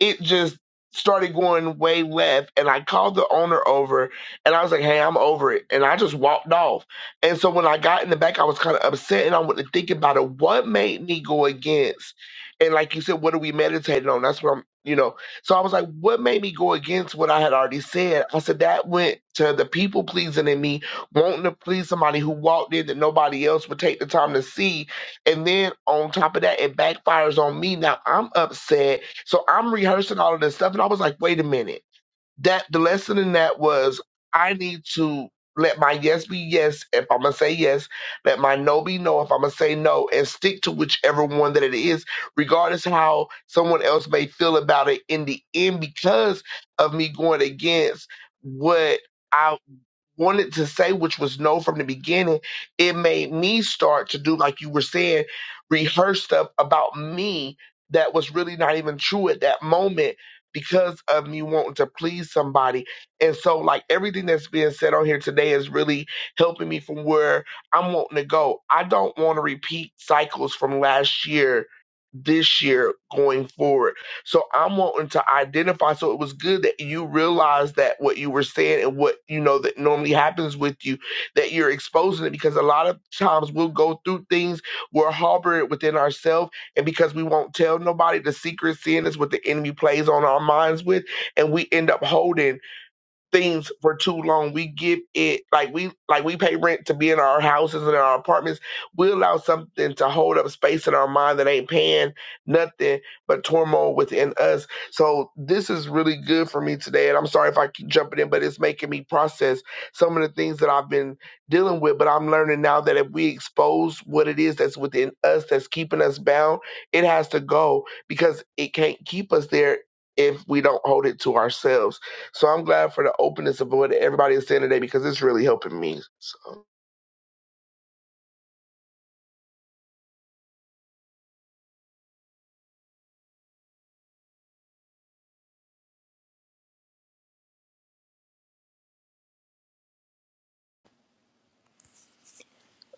it just started going way left and I called the owner over and I was like, Hey, I'm over it. And I just walked off. And so when I got in the back, I was kind of upset and I went to think about it. What made me go against? And like you said, what are we meditating on? That's what I'm, you know. So I was like, what made me go against what I had already said? I said, that went to the people pleasing in me, wanting to please somebody who walked in that nobody else would take the time to see. And then on top of that, it backfires on me. Now I'm upset so I'm rehearsing all of this stuff, and I was like, wait a minute. That the lesson in that was I need to let my yes be yes if I'm gonna say yes, let my no be no if I'm gonna say no, and stick to whichever one that it is, regardless of how someone else may feel about it in the end, because of me going against what. I." wanted to say, which was no from the beginning, it made me start to do, like you were saying, rehearse stuff about me that was really not even true at that moment because of me wanting to please somebody. And so, like, everything that's being said on here today is really helping me from where I'm wanting to go. I don't want to repeat cycles from last year this year going forward. So I'm wanting to identify. So it was good that you realized that what you were saying and what you know that normally happens with you, that you're exposing it because a lot of times we'll go through things, we're harboring it within ourselves, and because we won't tell nobody the secret sin is what the enemy plays on our minds with, and we end up holding things for too long. We give it like we like we pay rent to be in our houses and our apartments. We allow something to hold up space in our mind that ain't paying nothing but turmoil within us. So this is really good for me today. And I'm sorry if I keep jumping in, but it's making me process some of the things that I've been dealing with. But I'm learning now that if we expose what it is that's within us that's keeping us bound, it has to go because it can't keep us there if we don't hold it to ourselves. So I'm glad for the openness of what everybody is saying today because it's really helping me. So.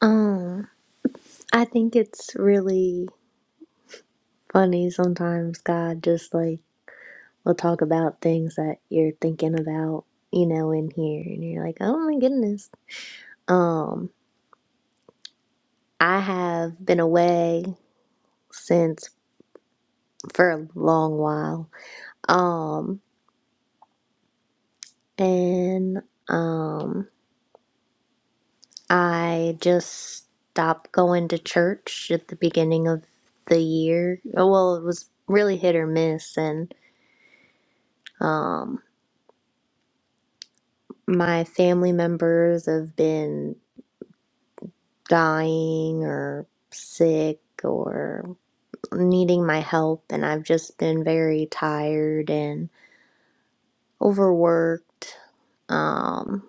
Oh. I think it's really funny sometimes God just like will talk about things that you're thinking about, you know, in here and you're like, "Oh my goodness." Um, I have been away since for a long while. Um, and um I just stopped going to church at the beginning of the year. Oh, Well, it was really hit or miss and um my family members have been dying or sick or needing my help and I've just been very tired and overworked um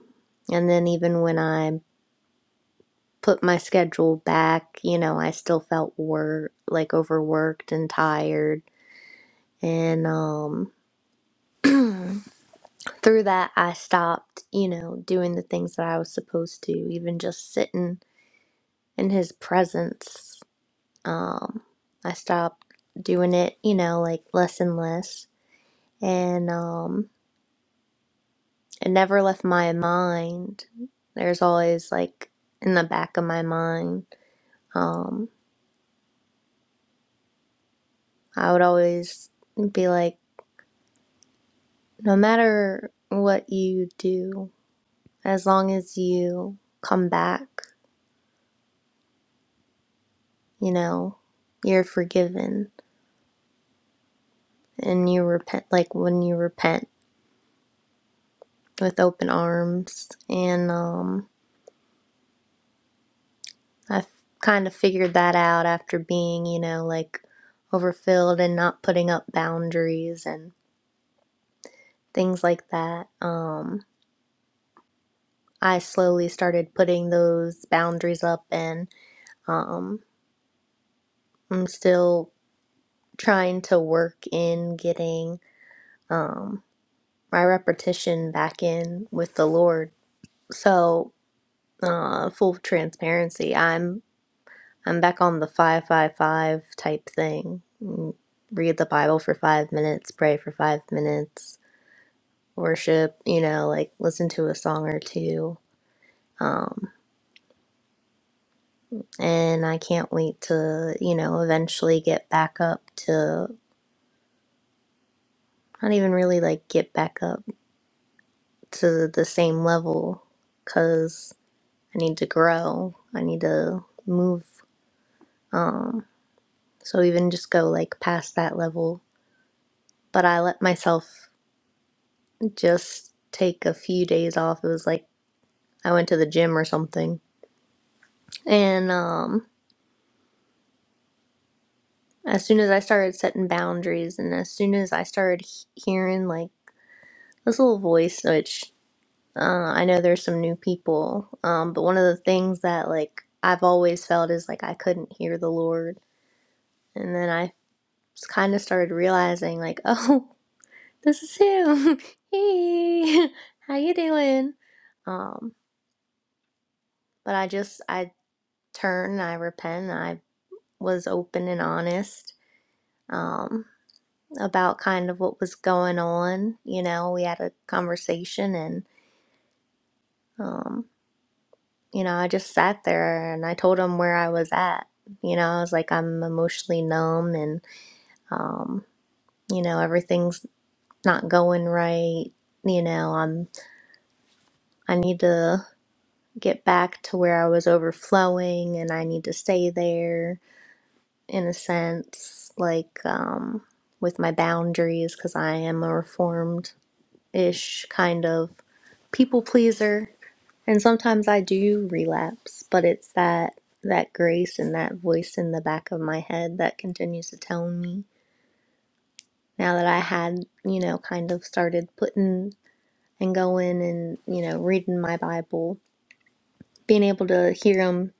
and then even when I put my schedule back, you know, I still felt wor- like overworked and tired and um through that I stopped, you know, doing the things that I was supposed to, even just sitting in his presence Um, I stopped doing it, you know, like less and less. And um, it never left my mind. There's always like in the back of my mind. Um, I would always be like, no matter what you do, as long as you come back, you know, you're forgiven and you repent, like when you repent with open arms. And um, I f- kind of figured that out after being, you know, like overfilled and not putting up boundaries and things like that. Um, I slowly started putting those boundaries up, and um, I'm still trying to work in getting um, my repetition back in with the Lord. So, uh, full transparency, I'm. I'm back on the 555 type thing. Mm, Read the Bible for five minutes, pray for five minutes, worship, you know, like listen to a song or two. Um, and I can't wait to, you know, eventually get back up to not even really like get back up to the same level because I need to grow, I need to move. Um, so even just go like past that level. But I let myself just take a few days off. It was like I went to the gym or something. And um as soon as I started setting boundaries and as soon as I started he- hearing like this little voice which uh, I know there's some new people um but one of the things that like I've always felt is like I couldn't hear the Lord. And then I kind of started realizing like, "Oh, this is him. hey. How you doing?" Um but I just I turn, I repent, and I. was open and honest um, about kind of what was going on. You know, we had a conversation, and um, you know, I just sat there and I told him where I was at. You know, I was like, I'm emotionally numb, and um, you know, everything's not going right. You know, I'm I need to get back to where I was overflowing, and I need to stay there in a sense, like um, with my boundaries, because I am a reformed ish kind of people pleaser. And sometimes I do relapse, but it's that that grace and that voice in the back of my head that continues to tell me now that I had, you know, kind of started putting and going and, you know, reading my Bible, being able to hear him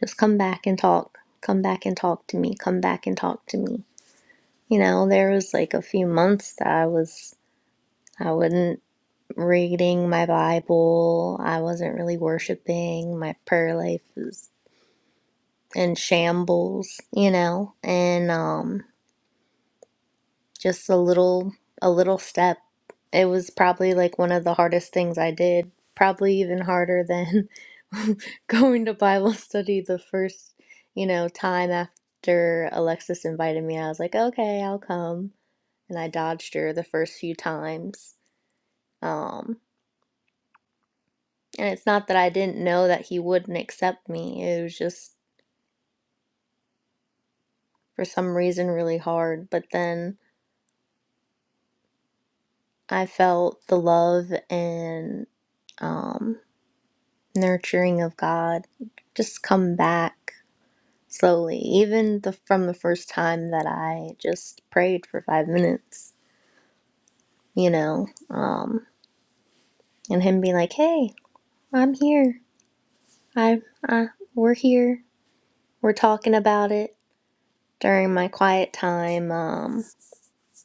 just come back and talk, come back and talk to me, come back and talk to me. You know, there was like a few months that I was I wouldn't reading my Bible. I wasn't really worshiping. My prayer life was in shambles, you know, and um, just a little, a little step. It was probably like one of the hardest things I did, probably even harder than going to Bible study the first, you know, time after Alexis invited me. I was like, okay, I'll come. And I dodged her the first few times. Um, And it's not that I didn't know that he wouldn't accept me. It was just for some reason really hard. But then I felt the love and um, nurturing of God just come back slowly, even the, from the first time that I just prayed for five minutes, you know, um, and him being like, "Hey, I'm here. I, I we're here. We're talking about it." During my quiet time, um,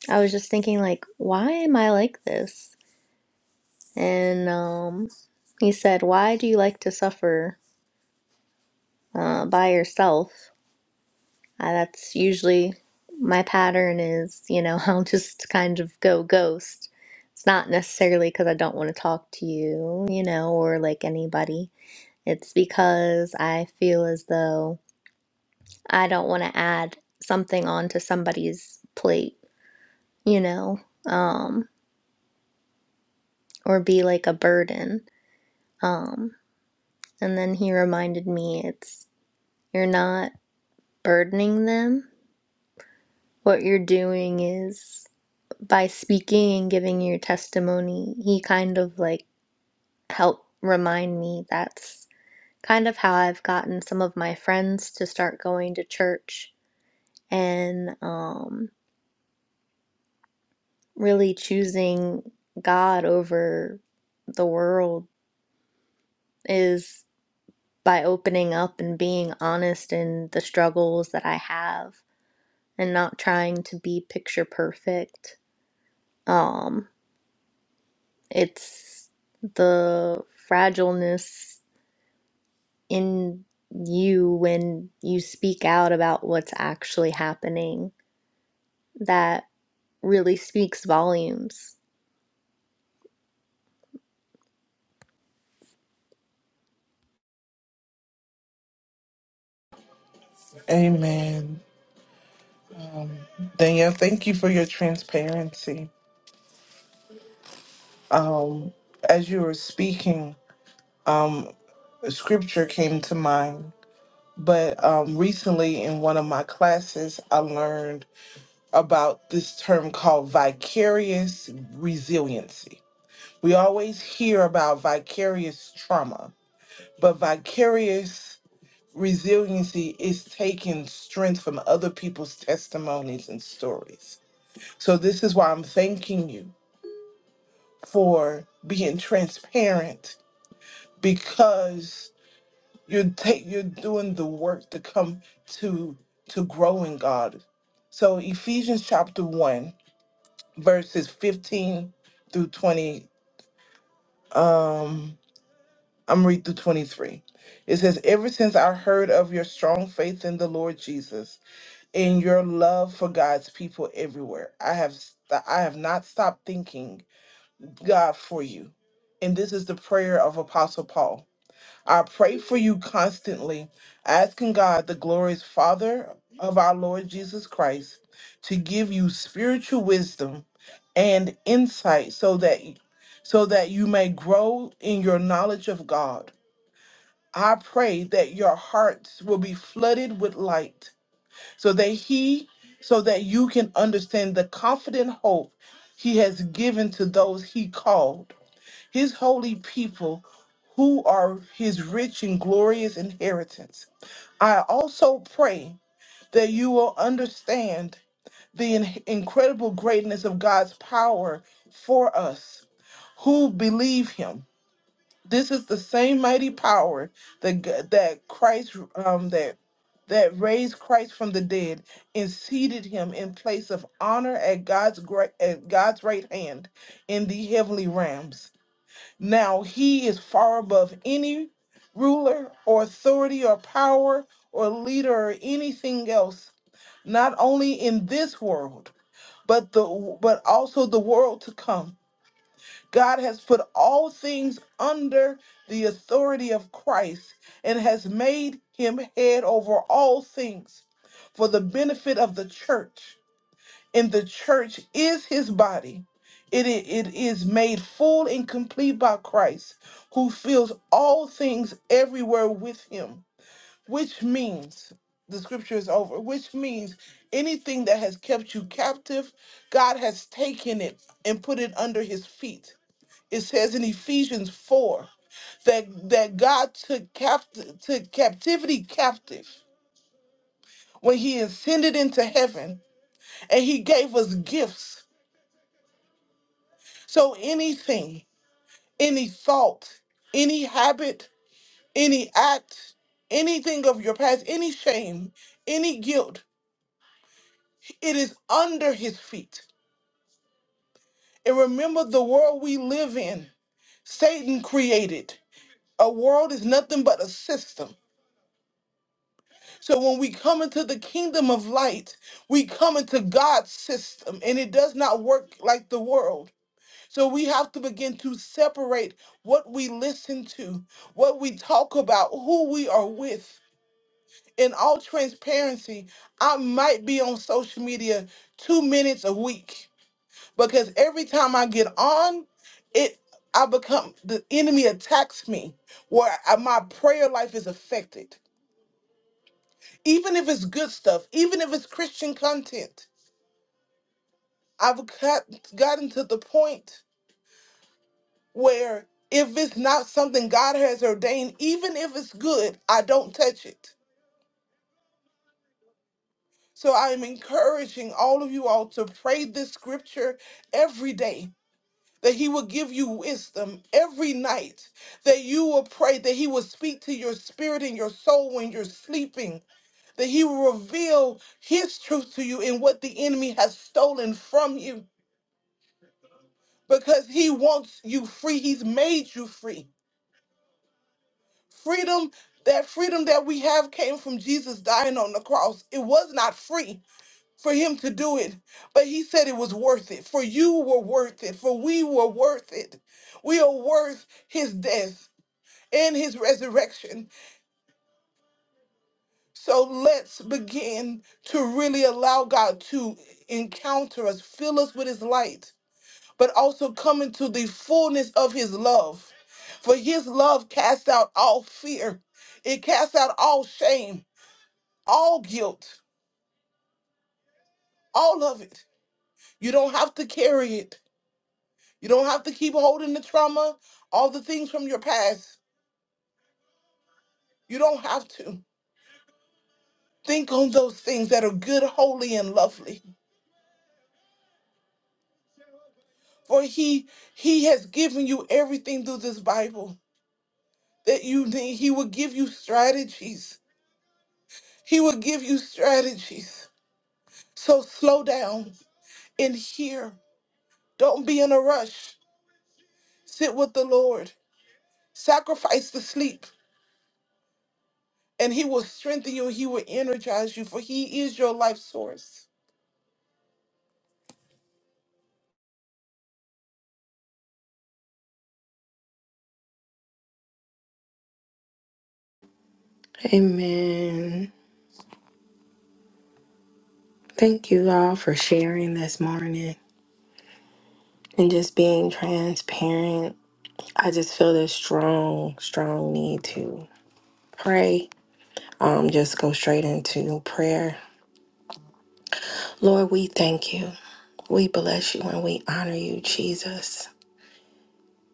I was just thinking like, why am I like this? And um he said, "Why do you like to suffer uh, by yourself?" Uh, that's usually my pattern is, you know, I'll just kind of go ghost. It's not necessarily because I don't want to talk to you, you know, or like anybody. It's because I feel as though I don't want to add something onto somebody's plate, you know, um, or be like a burden. Um, And then he reminded me it's you're not burdening them. What you're doing is by speaking and giving your testimony, he kind of like helped remind me that's kind of how I've gotten some of my friends to start going to church and um, really choosing God over the world is by opening up and being honest in the struggles that I have and not trying to be picture perfect. Um, it's the fragileness in you when you speak out about what's actually happening that really speaks volumes.
Amen. Danielle, thank you for your transparency. Um, as you were speaking, um, scripture came to mind. But um, recently in one of my classes, I learned about this term called vicarious resiliency. We always hear about vicarious trauma, but vicarious resiliency is taking strength from other people's testimonies and stories. So, this is why I'm thanking you for being transparent because you're, ta- you're doing the work to come to, to grow in God. So, Ephesians chapter 1 verses 15 through 20. Um, I'm read through 23. It says, Ever since I heard of your strong faith in the Lord Jesus and your love for God's people everywhere, I have st- I have not stopped thinking God for you. And this is the prayer of Apostle Paul. I pray for you constantly, asking God, the glorious Father of our Lord Jesus Christ, to give you spiritual wisdom and insight so that so that you may grow in your knowledge of God. I pray that your hearts will be flooded with light so that he so that you can understand the confident hope he has given to those he called his holy people who are his rich and glorious inheritance. I also pray that you will understand the in- incredible greatness of God's power for us who believe him. This is the same mighty power that g- that Christ um, that that raised Christ from the dead and seated him in place of honor at God's great at God's right hand in the heavenly realms. Now he is far above any ruler or authority or power or leader or anything else, not only in this world, but the but also the world to come. God has put all things under the authority of Christ and has made him head over all things for the benefit of the church and the church is his body. It, i- it is made full and complete by Christ, who fills all things everywhere with him, which means the scripture is over, which means anything that has kept you captive, God has taken it and put it under his feet. It says in Ephesians 4 that, that God took, capt- took captivity captive when he ascended into heaven and he gave us gifts So anything, any fault, any habit, any act, anything of your past, any shame, any guilt, it is under his feet. And remember the world we live in, Satan created. A world is nothing but a system. So when we come into the kingdom of light, we come into God's system, and it does not work like the world. So we have to begin to separate what we listen to, what we talk about, who we are with. In all transparency, I might be on social media two minutes a week because every time I get on, it I become the enemy attacks me where I- my prayer life is affected. Even if it's good stuff, even if it's Christian content, I've got, gotten to the point where if it's not something God has ordained, even if it's good, I don't touch it. So I am encouraging all of you all to pray this scripture every day. That he will give you wisdom every night. That you will pray. That he will speak to your spirit and your soul when you're sleeping. That he will reveal his truth to you and what the enemy has stolen from you. Because he wants you free. He's made you free. freedom that freedom that we have came from jesus dying on the cross it was not free for him to do it but he said it was worth it for you were worth it for we were worth it we are worth his death and his resurrection so let's begin to really allow god to encounter us fill us with his light but also come into the fullness of his love for his love casts out all fear it casts out all shame all guilt, all of it. You don't have to carry it. You don't have to keep holding the trauma, all the things from your past. You don't have to. Think on those things that are good, holy, and lovely. For he he has given you everything through this Bible that you need. He will give you strategies. He will give you strategies. So slow down and hear. Don't be in a rush. Sit with the Lord. Sacrifice the sleep and he will strengthen you he will energize you for he is your life source
Amen. Thank you all for sharing this morning and just being transparent. I just feel this strong, strong need to pray. Um, just go straight into prayer. Lord, we thank you. We bless you and we honor you, Jesus.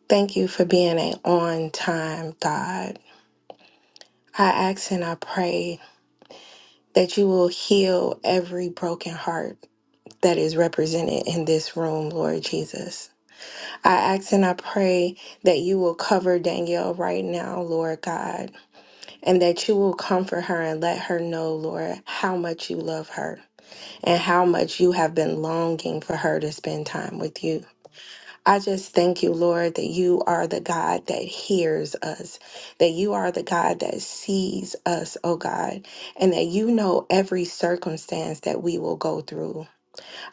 Thank you for being an on time God. I ask and I pray that you will heal every broken heart that is represented in this room, Lord Jesus. I ask and I pray that you will cover Danielle right now, Lord God, and that you will comfort her and let her know, Lord, how much you love her and how much you have been longing for her to spend time with you. I just thank you, Lord, that you are the God that hears us, that you are the God that sees us, oh God, and that you know every circumstance that we will go through.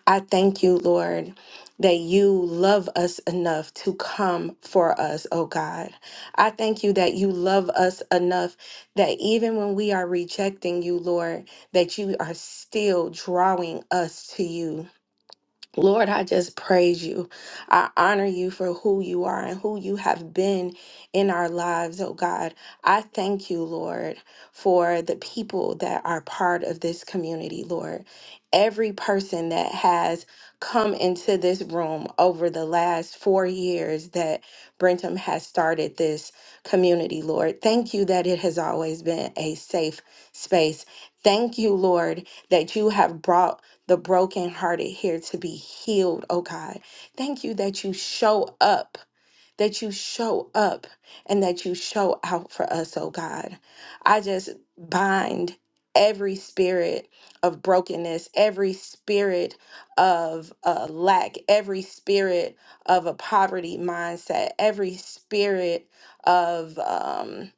I thank you, Lord, that you love us enough to come for us, oh God. I thank you that you love us enough that even when we are rejecting you, Lord, that you are still drawing us to you. Lord, I just praise you. I honor you for who you are and who you have been in our lives, oh God. I thank you, Lord, for the people that are part of this community, Lord. Every person that has come into this room over the last four years that Brentham has started this community, Lord. Thank you that it has always been a safe space. Thank you, Lord, that you have brought the brokenhearted here to be healed, oh God. Thank you that you show up, that you show up, and that you show out for us, oh God. I just bind every spirit of brokenness, every spirit of uh, lack, every spirit of a poverty mindset, every spirit of. um,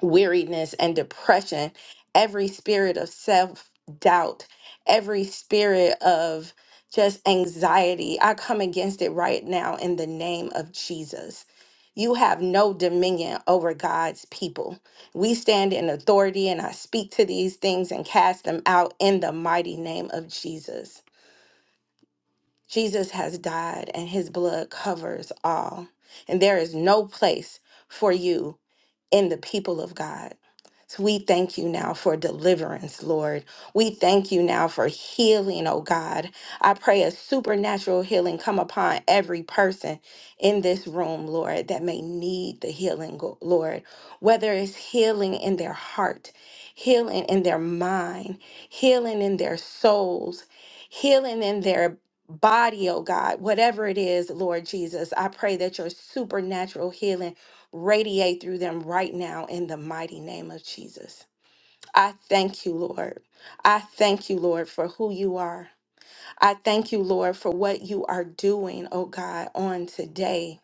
weariness and depression, every spirit of self doubt, every spirit of just anxiety. I come against it right now in the name of Jesus. You have no dominion over God's people. We stand in authority, and I speak to these things and cast them out in the mighty name of Jesus. Jesus has died, and his blood covers all. And there is no place for you in the people of God. So we thank you now for deliverance, Lord. We thank you now for healing, oh God. I pray a supernatural healing come upon every person in this room, Lord, that may need the healing, go- Lord. Whether it's healing in their heart, healing in their mind, healing in their souls, healing in their body, oh God, whatever it is, Lord Jesus, I pray that your supernatural healing radiate through them right now in the mighty name of Jesus. I thank you, Lord. I thank you, Lord, for who you are. I thank you, Lord, for what you are doing, oh God, on today.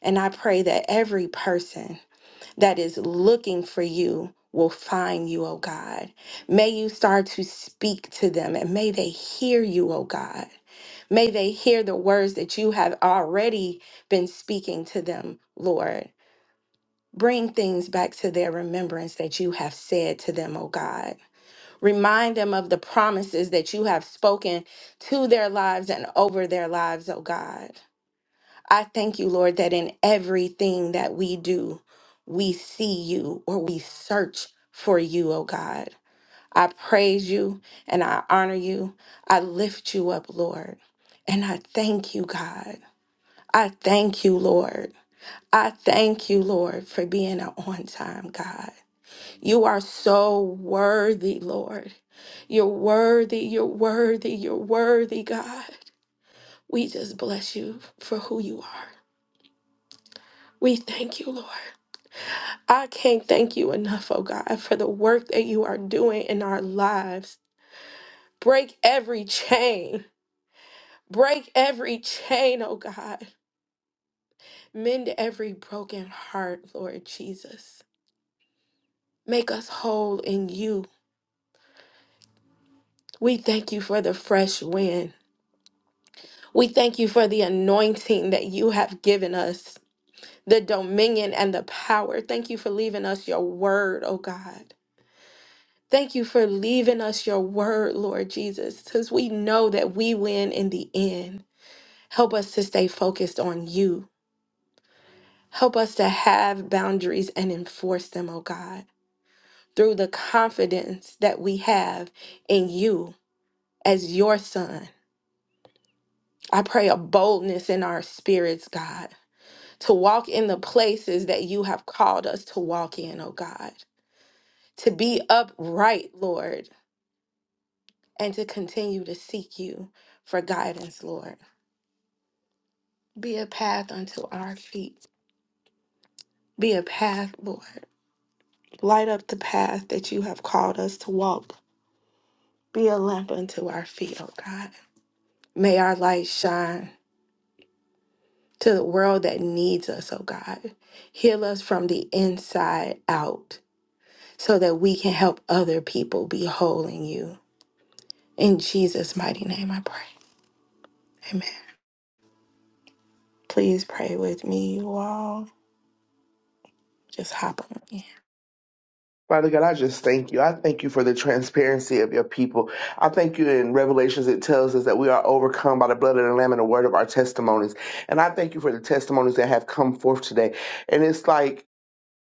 And I pray that every person that is looking for you will find you, oh God. May you start to speak to them and may they hear you, oh God. May they hear the words that you have already been speaking to them, Lord. Bring things back to their remembrance that you have said to them, O God. Remind them of the promises that you have spoken to their lives and over their lives, O God. I thank you, Lord, that in everything that we do, we see you or we search for you, O God. I praise you and I honor you. I lift you up, Lord. And I thank you, God. I thank you, Lord. I thank you, Lord, for being an on time God. You are so worthy, Lord. You're worthy, you're worthy, you're worthy, God. We just bless you for who you are. We thank you, Lord. I can't thank you enough, oh God, for the work that you are doing in our lives. Break every chain. Break every chain, oh God. Mend every broken heart, Lord Jesus. Make us whole in you. We thank you for the fresh wind. We thank you for the anointing that you have given us, the dominion and the power. Thank you for leaving us your word, oh God. Thank you for leaving us your word, Lord Jesus, because we know that we win in the end. Help us to stay focused on you. Help us to have boundaries and enforce them, oh God, through the confidence that we have in you as your son. I pray a boldness in our spirits, God to walk in the places that you have called us to walk in, oh God, to be upright, Lord, and to continue to seek you for guidance, Lord. Be a path unto our feet. Be a path, Lord. Light up the path that you have called us to walk. Be a lamp unto our feet, oh God. May our light shine to the world that needs us, oh God. Heal us from the inside out so that we can help other people be whole in you. In Jesus' mighty name, I pray. Amen. Please pray with me, you all. Just hop on in.
Father God, I just thank you. I thank you for the transparency of your people. I thank you in Revelations, it tells us that we are overcome by the blood of the Lamb and the word of our testimonies. And I thank you for the testimonies that have come forth today. And it's like,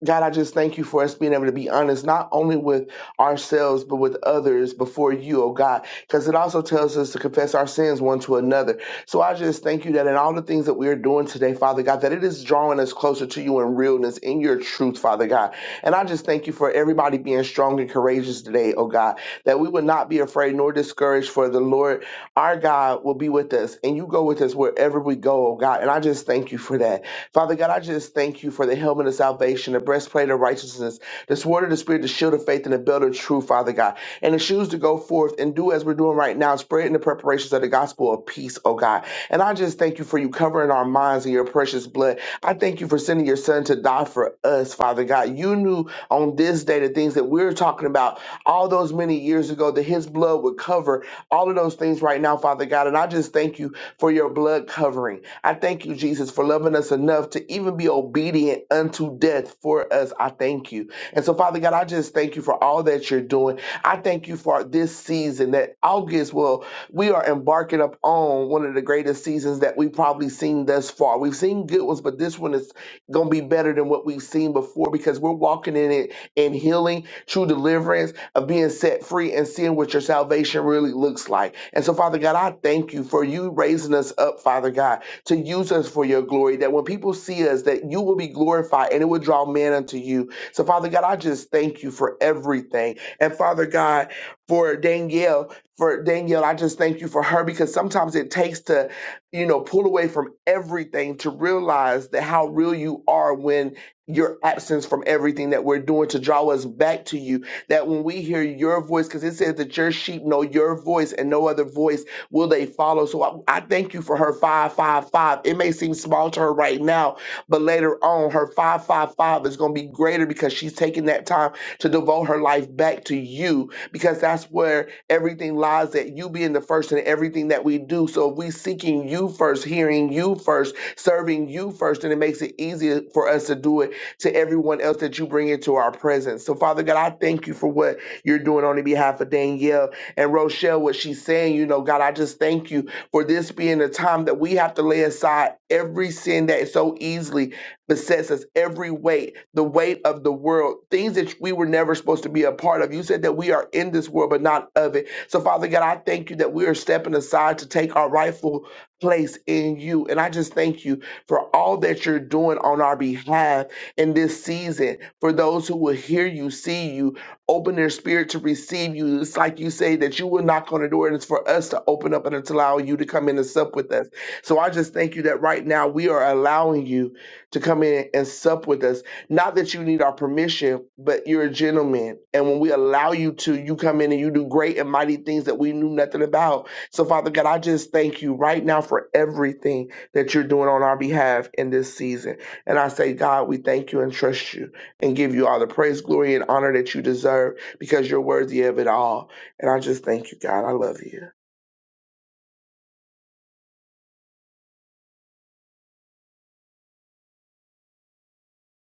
God, I just thank you for us being able to be honest, not only with ourselves, but with others before you, oh God, because it also tells us to confess our sins one to another. So I just thank you that in all the things that we are doing today, Father God, that it is drawing us closer to you in realness, in your truth, Father God. And I just thank you for everybody being strong and courageous today, oh God, that we would not be afraid nor discouraged, for the Lord our God will be with us, and you go with us wherever we go, oh God. And I just thank you for that. Father God, I just thank you for the helmet of salvation, the breastplate of righteousness, the sword of the Spirit, the shield of faith, and the belt of truth, Father God. And the shoes to go forth and do as we're doing right now, spreading the preparations of the gospel of peace, oh God. And I just thank you for you covering our minds in your precious blood. I thank you for sending your son to die for us, Father God. You knew on this day the things that we're talking about all those many years ago that his blood would cover all of those things right now, Father God. And I just thank you for your blood covering. I thank you, Jesus, for loving us enough to even be obedient unto death for us. I thank you. And so, Father God, I just thank you for all that you're doing. I thank you for this season that August will, we are embarking up on one of the greatest seasons that we've probably seen thus far. We've seen good ones, but this one is going to be better than what we've seen before because we're walking in it in healing, true deliverance, of being set free and seeing what your salvation really looks like. And so, Father God, I thank you for you raising us up, Father God, to use us for your glory, that when people see us, that you will be glorified and it will draw men unto you. So, Father God, I just thank you for everything. And Father God, for Danielle, for Danielle, I just thank you for her because sometimes it takes to, you know, pull away from everything to realize that how real you are when your absence from everything that we're doing to draw us back to you. That when we hear your voice, because it says that your sheep know your voice and no other voice will they follow. So I, I thank you for her five, five, five. It may seem small to her right now, but later on, her 555 is going to be greater because she's taking that time to devote her life back to you because that's where everything lies that you being the first in everything that we do. So if we seeking you first, hearing you first, serving you first, then it makes it easier for us to do it to everyone else that you bring into our presence. So Father God, I thank you for what you're doing on the behalf of Danielle and Rochelle, what she's saying. You know, God, I just thank you for this being a time that we have to lay aside every sin that so easily besets us, every weight, the weight of the world, things that we were never supposed to be a part of. You said that we are in this world, but not of it. So, Father God, I thank you that we are stepping aside to take our rightful place in you. And I just thank you for all that you're doing on our behalf in this season, for those who will hear you, see you, open their spirit to receive you. It's like you say that you will knock on the door and it's for us to open up and to allow you to come in and sup with us. So I just thank you that right now we are allowing you to come in and sup with us. Not that you need our permission, but you're a gentleman. And when we allow you to, you come in and you do great and mighty things that we knew nothing about. So Father God, I just thank you right now for everything that you're doing on our behalf in this season. And I say, God, we thank you and trust you and give you all the praise, glory, and honor that you deserve because you're worthy of it all. And I just thank you, God. I love you.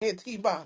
Etiba.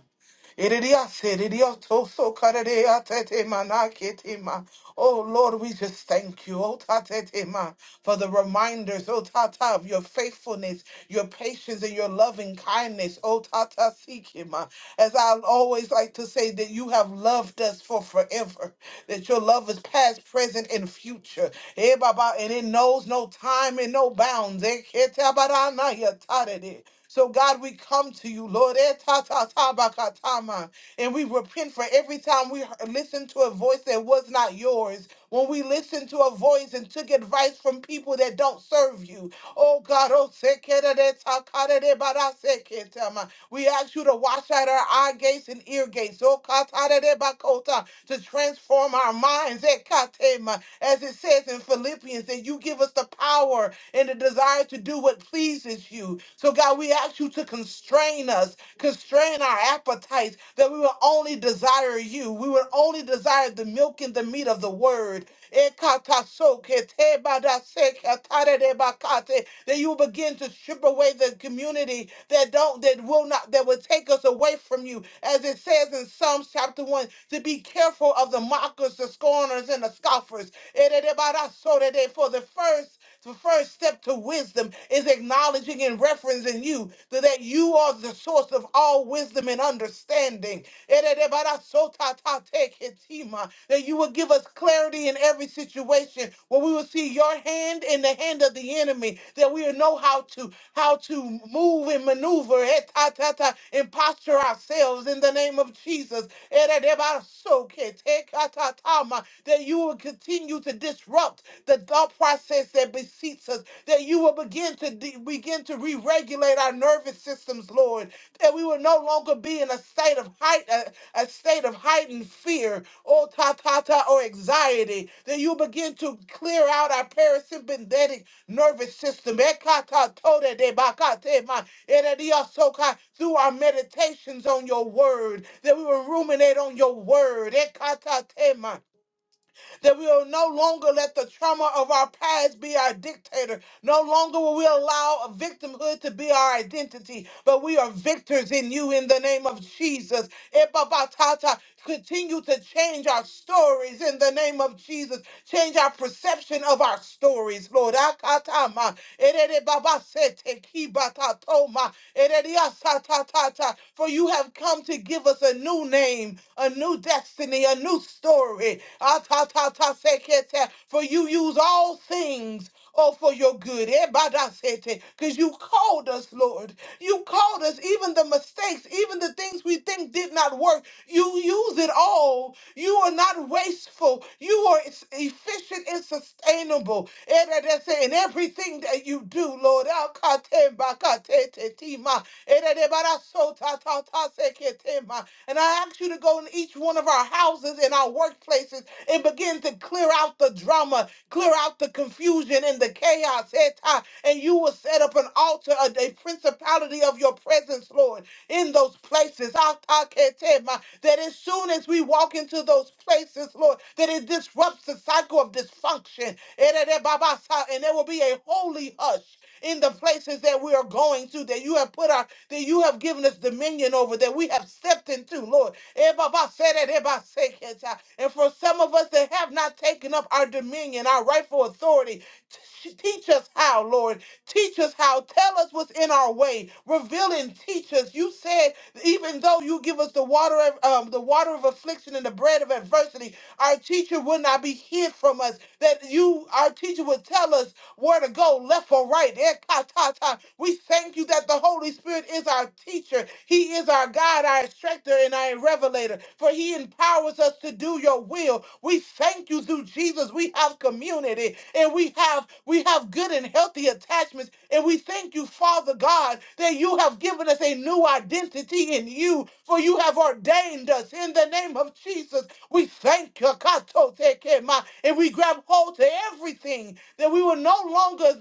Iridia seridia toso karerea tetema na ketema. Oh Lord, we just thank you, oh ta tetema, for the reminders, oh tata, of your faithfulness, your patience, and your loving kindness, oh tata sikima. As I always like to say, that you have loved us for forever, that your love is past, present, and future. Eh, Baba, and it knows no time and no bounds. Eh, ketabarana ya tarede. So, God, we come to you, Lord, eh, ta ta ta ba ka ta ma. and we repent for every time we heard- listened to a voice that was not yours, when we listened to a voice and took advice from people that don't serve you. Oh, God, oh, se ke da de ta ka da de ba da se ke ta ma. we ask you to wash out our eye gates and ear gates, oh, ka ta da de ba ko ta, to transform our minds, eh, ka te ma. as it says in Philippians and you give us the power and the desire to do what pleases you. So, God, we ask you to constrain us, constrain our appetites, that we will only desire you. We will only desire the milk and the meat of the word. Ekatasoketebandasekatarebakate, That you will begin to strip away the community that don't, that will not, that will take us away from you. As it says in Psalms chapter 1, to be careful of the mockers, the scorners, and the scoffers. Eredebarasodede, For the first the first step to wisdom is acknowledging and referencing you so that you are the source of all wisdom and understanding. Eredebarasotatateketima, That you will give us clarity in every situation where we will see your hand in the hand of the enemy, that we will know how to how to move and maneuver. Atata, and posture ourselves in the name of Jesus. Eredebasoketekatama, That you will continue to disrupt the thought process that beseeps us. That you will begin to de- begin to re-regulate our nervous systems, Lord. That we will no longer be in a state of height, a, a state of heightened fear, or ta ta ta, or anxiety. That you begin to clear out our parasympathetic nervous system. Ekata tode de Ekatotodebakatema, erediasoka, Through our meditations on your word, that we will ruminate on your word. Ekata tema that we will no longer let the trauma of our past be our dictator. No longer will we allow victimhood to be our identity, but we are victors in you in the name of Jesus. Epabatata, Continue to change our stories in the name of Jesus. Change our perception of our stories, Lord. Akatama, ererebabasete, kibatatoma, ereriasatatata, For you have come to give us a new name a new destiny, a new story. Ah, ta, ta, ta, se, ke, te. For you use all things. Oh, for your good. Because you called us, Lord. You called us, even the mistakes, even the things we think did not work. You use it all. You are not wasteful. You are s- efficient and sustainable. Eh, da, da, se, In everything that you do, Lord. Ah, ka, te, ba, ka, te, te, ti, ma. Rabasotataseketema. And I ask you to go in each one of our houses and our workplaces and begin to clear out the drama, clear out the confusion and the chaos. Eta. And you will set up an altar, a, a principality of your presence, Lord, in those places. Ataketema. That as soon as we walk into those places, Lord, that it disrupts the cycle of dysfunction. Ererebabasa. And there will be a holy hush in the places that we are going to, that you have put our, that you have given us dominion over, that we have stepped into, Lord. Everybody say that, everybody say it. ah. And for some of us that have not taken up our dominion, our rightful authority, t- teach us how, Lord. Teach us how. Tell us what's in our way. Reveal and teach us. You said, even though you give us the water of um, the water of affliction and the bread of adversity, our teacher will not be hid from us. That you you, our teacher, would tell us where to go, left or right. Eh, ka, ta, ta. We thank you that the Holy Spirit is our teacher. He is our guide, our instructor, and our revelator, for he empowers us to do your will. We thank you through Jesus. We have community and we have we have good and healthy attachments. And we thank you, Father God, that you have given us a new identity in you, for you have ordained us in the name of Jesus. We thank you and we grab hold to everything that we will no longer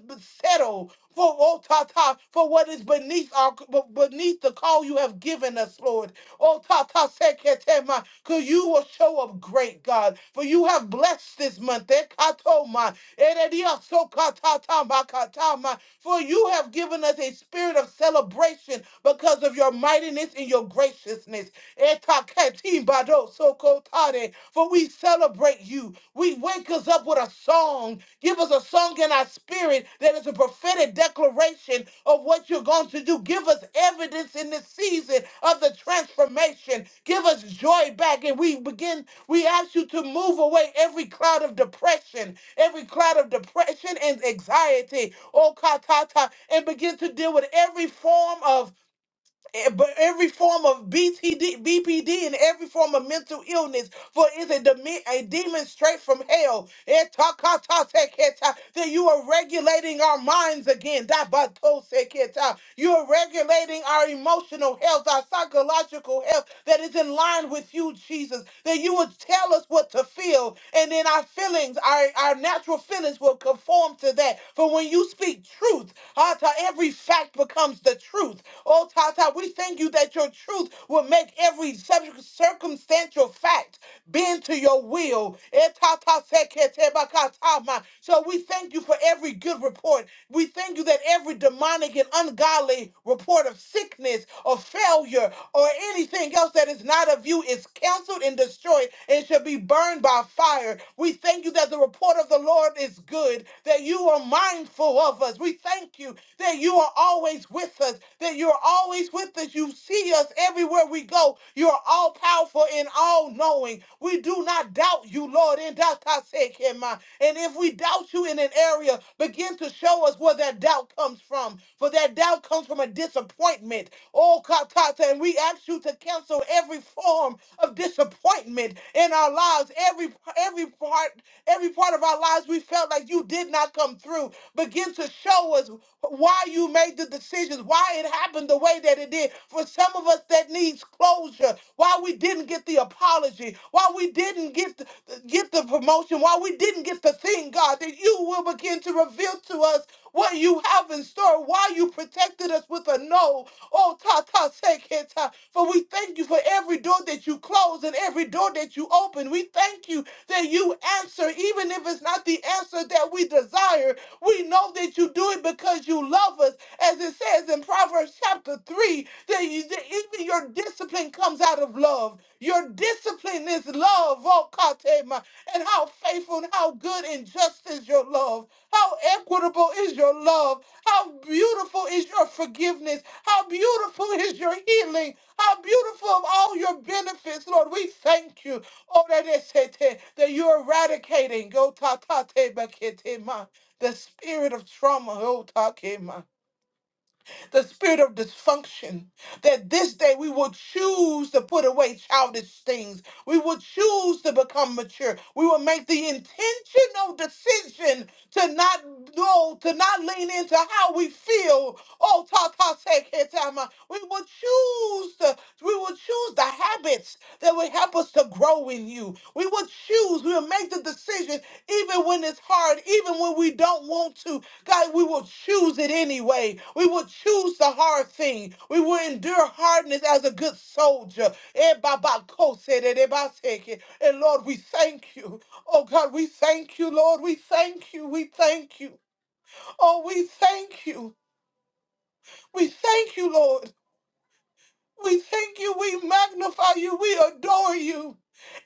settle for oh, ta, ta, for what is beneath our beneath the call you have given us, Lord. Oh tata seketema, because you will show up great, God. For you have blessed this month. Ekatoma, erediasokatatambakatama. For you have given us a spirit of celebration because of your mightiness and your graciousness. Etakatimbadoh sokotade. For we celebrate you. We wake us up with a song. Give us a song in our spirit that is a prophetic declaration of what you're going to do. Give us evidence in this season of the transformation. Give us joy back. And we begin, we ask you to move away every cloud of depression, every cloud of depression and anxiety. Oh, katata, and begin to deal with every form of Eh, but every form of BPD, BPD and every form of mental illness for is it deme- a demon straight from hell? Etakatateketa. That you are regulating our minds again. Dabatoseketa. You are regulating our emotional health, our psychological health that is in line with you, Jesus. That you would tell us what to feel, and then our feelings, our, our natural feelings will conform to that. For when you speak truth, Ata, every fact becomes the truth. Oh, Tata, we thank you that your truth will make every subject circumstantial fact bend to your will. Etataseketebakatama. So we thank you for every good report. We thank you that every demonic and ungodly report of sickness or failure or anything else that is not of you is canceled and destroyed and shall be burned by fire. We thank you that the report of the Lord is good, that you are mindful of us. We thank you that you are always with us, that you're always with us. You see us everywhere we go. You are all powerful and all knowing. We do not doubt you, Lord. In that I say, Kema. And if we doubt you in an area, begin to show us where that doubt comes from. For that doubt comes from a disappointment. Oh, Katata, and we ask you to cancel every form of disappointment in our lives. Every every part, every part of our lives, we felt like you did not come through. Begin to show us why you made the decisions, why it happened the way that it did. For some of us that needs closure, why we didn't get the apology, why we didn't get the, get the promotion, why we didn't get the thing, God, that you will begin to reveal to us what you have in store, why you protected us with a no. Oh, ta ta seketa. For we thank you for every door that you close and every door that you open. We thank you that you answer, even if it's not the answer that we desire. We know that you do it because you love us, as it says in Proverbs. Proverbs chapter 3 that you- that even your discipline comes out of love. Your discipline is love, oh Katema. And how faithful and how good and just is your love. How equitable is your love. How beautiful is your forgiveness. How beautiful is your healing. How beautiful of all your benefits, Lord. We thank you. Oh, that is it, eh, that you're eradicating. Go ta ta te bakete ma. The spirit of trauma. Oh, ta the spirit of dysfunction, that this day we will choose to put away childish things. We will choose to become mature. We will make the intentional decision to not go, to not lean into how we feel. Oh, ta ta se ke tama. We will choose to, we will choose the habits that will help us to grow in you. We will choose, we will make the decision even when it's hard, even when we don't want to. God, we will choose it anyway. We will choose the hard thing. We will endure hardness as a good soldier. Eh, ba, ba, de, de, ba, And Lord, we thank you. Oh God, we thank you, Lord. We thank you. We thank you. Oh, we thank you. We thank you, Lord. We thank you, we magnify you, we adore you,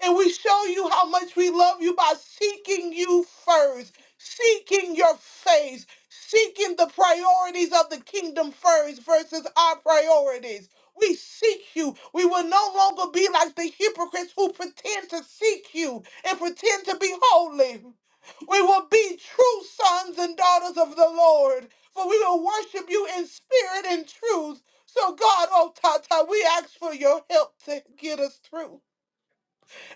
and we show you how much we love you by seeking you first, seeking your face, seeking the priorities of the kingdom first versus our priorities. We seek you. We will no longer be like the hypocrites who pretend to seek you and pretend to be holy. We will be true sons and daughters of the Lord, for we will worship you in spirit and truth so, God, oh Tata, we ask for your help to get us through.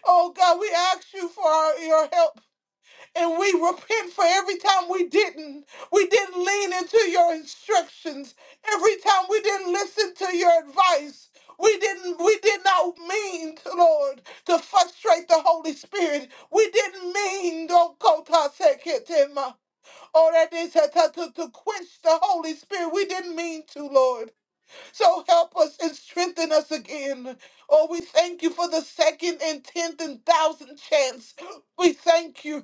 Oh God, we ask you for our, your help, and we repent for every time we didn't. We didn't lean into your instructions. Every time we didn't listen to your advice. We didn't. We did not mean, to, Lord, to frustrate the Holy Spirit. We didn't mean, oh Kota Seketema, or that is to to- to quench the Holy Spirit. We didn't mean to, Lord. So help us and strengthen us again. Oh, we thank you for the second and tenth and thousand chance. We thank you.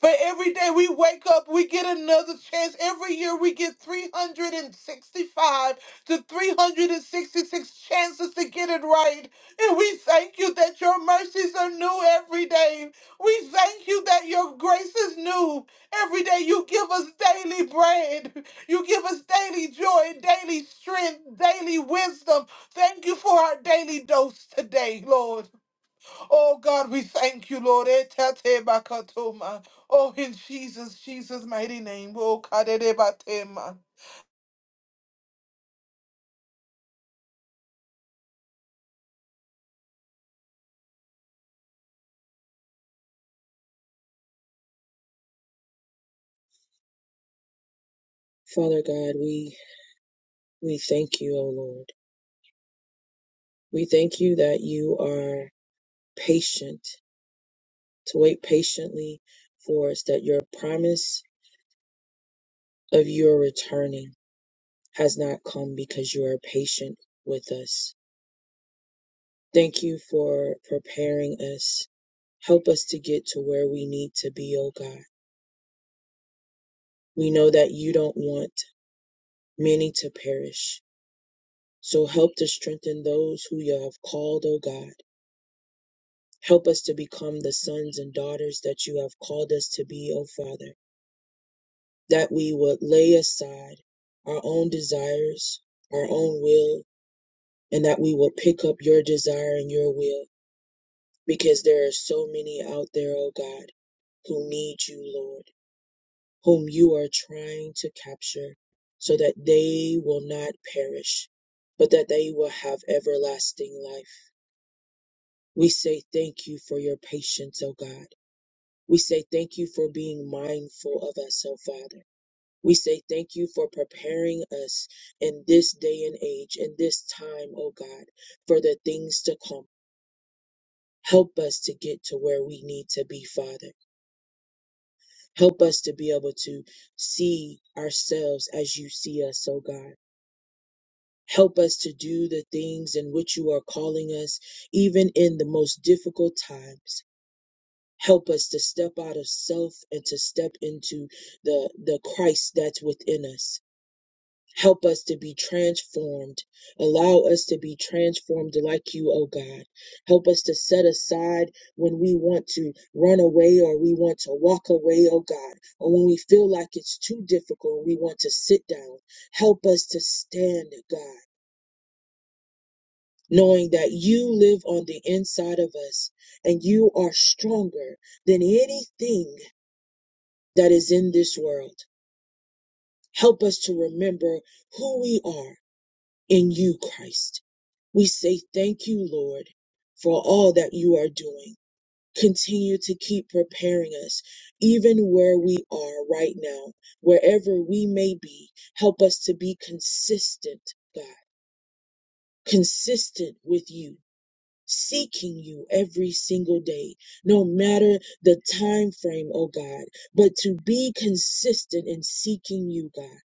But every day we wake up, we get another chance. Every year we get 365 to 366 chances to get it right. And we thank you that your mercies are new every day. We thank you that your grace is new every day. You give us daily bread. You give us daily joy, daily strength, daily wisdom. Thank you for our daily dose today, Lord. Oh God, we thank you, Lord. Etate bakatoma. Oh, in Jesus, Jesus' mighty name. Oh, kadedebatema.
Father God, we we thank you, O Lord. We thank you that you are patient, to wait patiently for us that your promise of your returning has not come because you are patient with us. Thank you for preparing us. Help us to get to where we need to be, O God. We know that you don't want many to perish. So help to strengthen those who you have called, O God. Help us to become the sons and daughters that you have called us to be, O Father. that we would lay aside our own desires, our own will, and that we will pick up your desire and your will because there are so many out there, oh God, who need you, Lord, whom you are trying to capture so that they will not perish, but that they will have everlasting life. We say thank you for your patience, O God. We say thank you for being mindful of us, O Father. We say thank you for preparing us in this day and age, in this time, oh God, for the things to come. Help us to get to where we need to be, Father. Help us to be able to see ourselves as you see us, oh God. Help us to do the things in which you are calling us, even in the most difficult times. Help us to step out of self and to step into the, the Christ that's within us. Help us to be transformed. Allow us to be transformed like you, oh God. Help us to set aside when we want to run away or we want to walk away, oh God, or when we feel like it's too difficult, and we want to sit down. Help us to stand, God, knowing that you live on the inside of us and you are stronger than anything that is in this world. Help us to remember who we are in you, Christ. We say thank you, Lord, for all that you are doing. Continue to keep preparing us, even where we are right now, wherever we may be. Help us to be consistent, God, consistent with you. Seeking you every single day, no matter the time frame, oh God, but to be consistent in seeking you, God.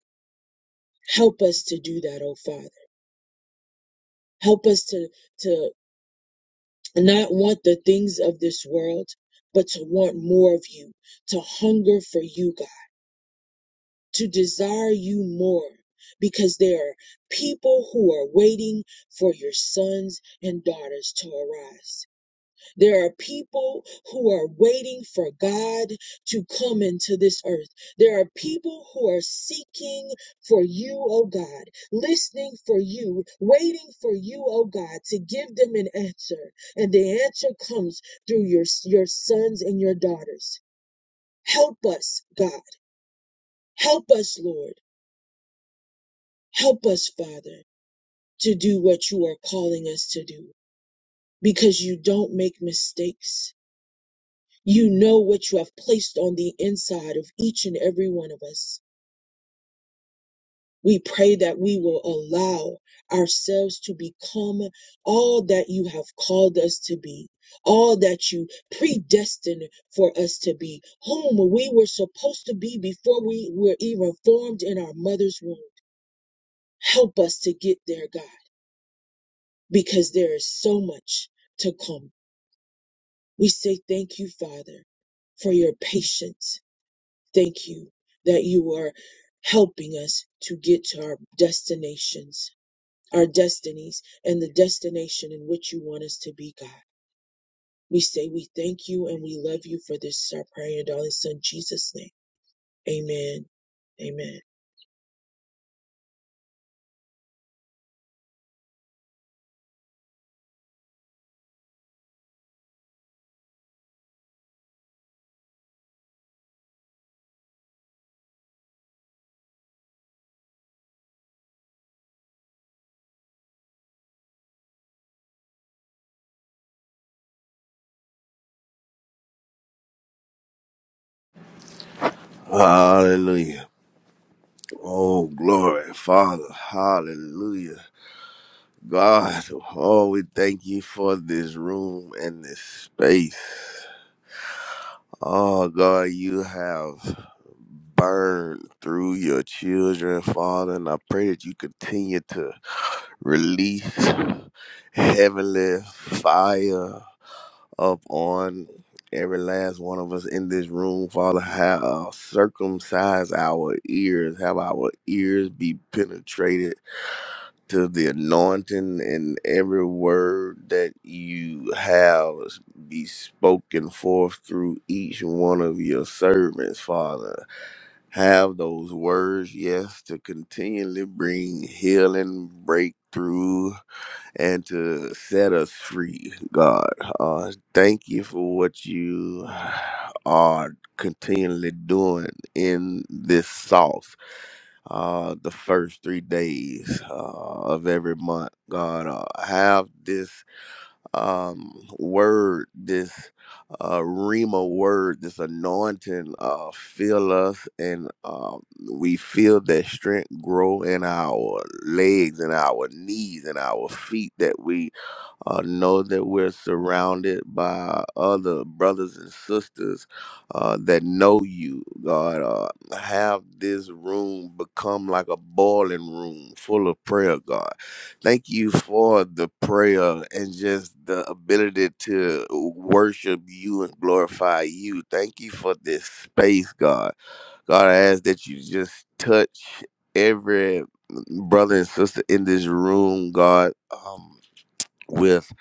Help us to do that, oh Father. Help us to, to and not want the things of this world, but to want more of you, to hunger for you, God, to desire you more, because there are people who are waiting for your sons and daughters to arise. There are people who are waiting for God to come into this earth. There are people who are seeking for you, oh God, listening for you, waiting for you, oh God, to give them an answer. And the answer comes through your, your sons and your daughters. Help us, God. Help us, Lord. Help us, Father, to do what you are calling us to do because you don't make mistakes. You know what you have placed on the inside of each and every one of us. We pray that we will allow ourselves to become all that you have called us to be, all that you predestined for us to be, whom we were supposed to be before we were even formed in our mother's womb. Help us to get there, God, because there is so much to come. We say thank you, Father, for your patience Thank you that you are helping us to get to our destinations, our destinies, and the destination in which you want us to be, God. We say we thank you and we love you for this, our prayer, and darling son, Jesus' name. Amen. Amen.
Hallelujah. Oh, glory, Father. Hallelujah. God, oh, we thank you for this room and this space. Oh, God, you have burned through your children, Father, and I pray that you continue to release heavenly fire up on every last one of us in this room, Father, have uh, circumcise our ears, have our ears be penetrated to the anointing and every word that you have be spoken forth through each one of your servants, Father. Have those words, yes, to continually bring healing, breakthrough, and to set us free, God. Uh, thank you for what you are continually doing in this sauce uh, the first three days uh, of every month. God, uh, have this um, word, this uh, Rima word, this anointing uh, fill us, and uh, we feel that strength grow in our legs and our knees and our feet that we uh, know that we're surrounded by other brothers and sisters uh, that know you, God. Uh, have this room become like a boiling room full of prayer, God. Thank you for the prayer and just the ability to worship you and glorify you. Thank you for this space, God. God, I ask that you just touch every brother and sister in this room, God. Um, with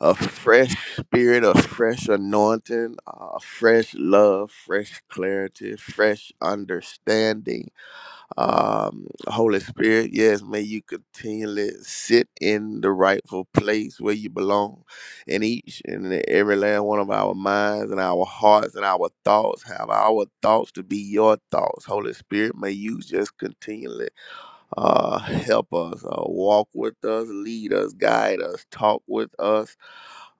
a fresh spirit, a fresh anointing, uh, fresh love, fresh clarity, fresh understanding. Um, Holy Spirit, yes, may you continually sit in the rightful place where you belong in each and every last one of our minds and our hearts and our thoughts. Have our thoughts to be your thoughts. Holy Spirit, may you just continually uh, help us, uh, walk with us, lead us, guide us, talk with us.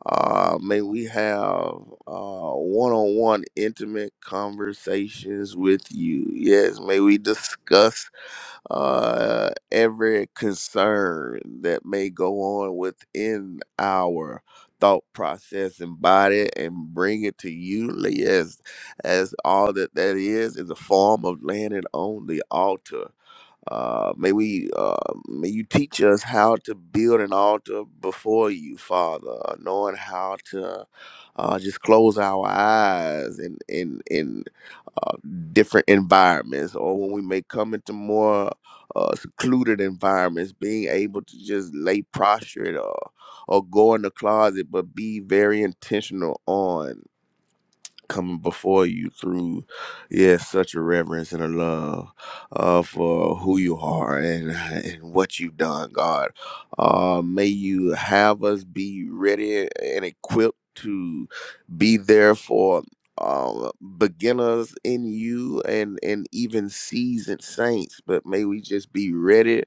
Uh, may we have one on one intimate conversations with you. Yes, may we discuss uh, every concern that may go on within our thought process and body and bring it to you yes as all that that is is a form of laying it on the altar uh, may we, uh, may you teach us how to build an altar before you, Father, uh, knowing how to uh, just close our eyes in in in uh, different environments, or when we may come into more uh, secluded environments, being able to just lay prostrate or or go in the closet, but be very intentional on coming before you through yeah such a reverence and a love uh, for who you are and and what you've done god uh, may you have us be ready and equipped to be there for um, beginners in you and and even seasoned saints but may we just be ready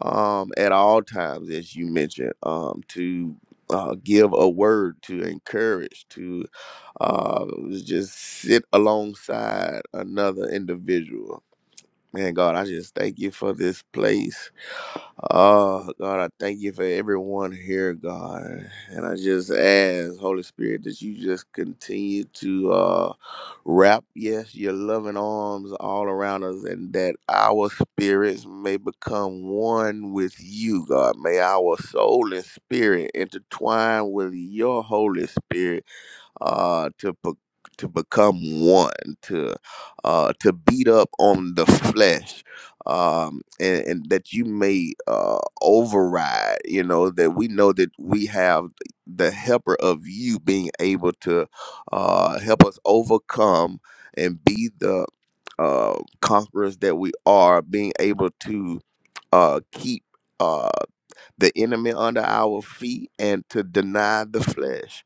um, at all times, as you mentioned, um, to uh, give a word, to encourage, to uh, just sit alongside another individual. Man, God, I just thank you for this place. Oh, God, I thank you for everyone here, God. And I just ask, Holy Spirit, that you just continue to uh, wrap, yes, your loving arms all around us, and that our spirits may become one with you, God. May our soul and spirit intertwine with your Holy Spirit uh, to be- to become one, to uh, to beat up on the flesh, um, and, and that you may uh, override. You know that we know that we have the helper of you being able to uh, help us overcome and be the uh, conquerors that we are, being able to uh, keep. uh the enemy under our feet and to deny the flesh.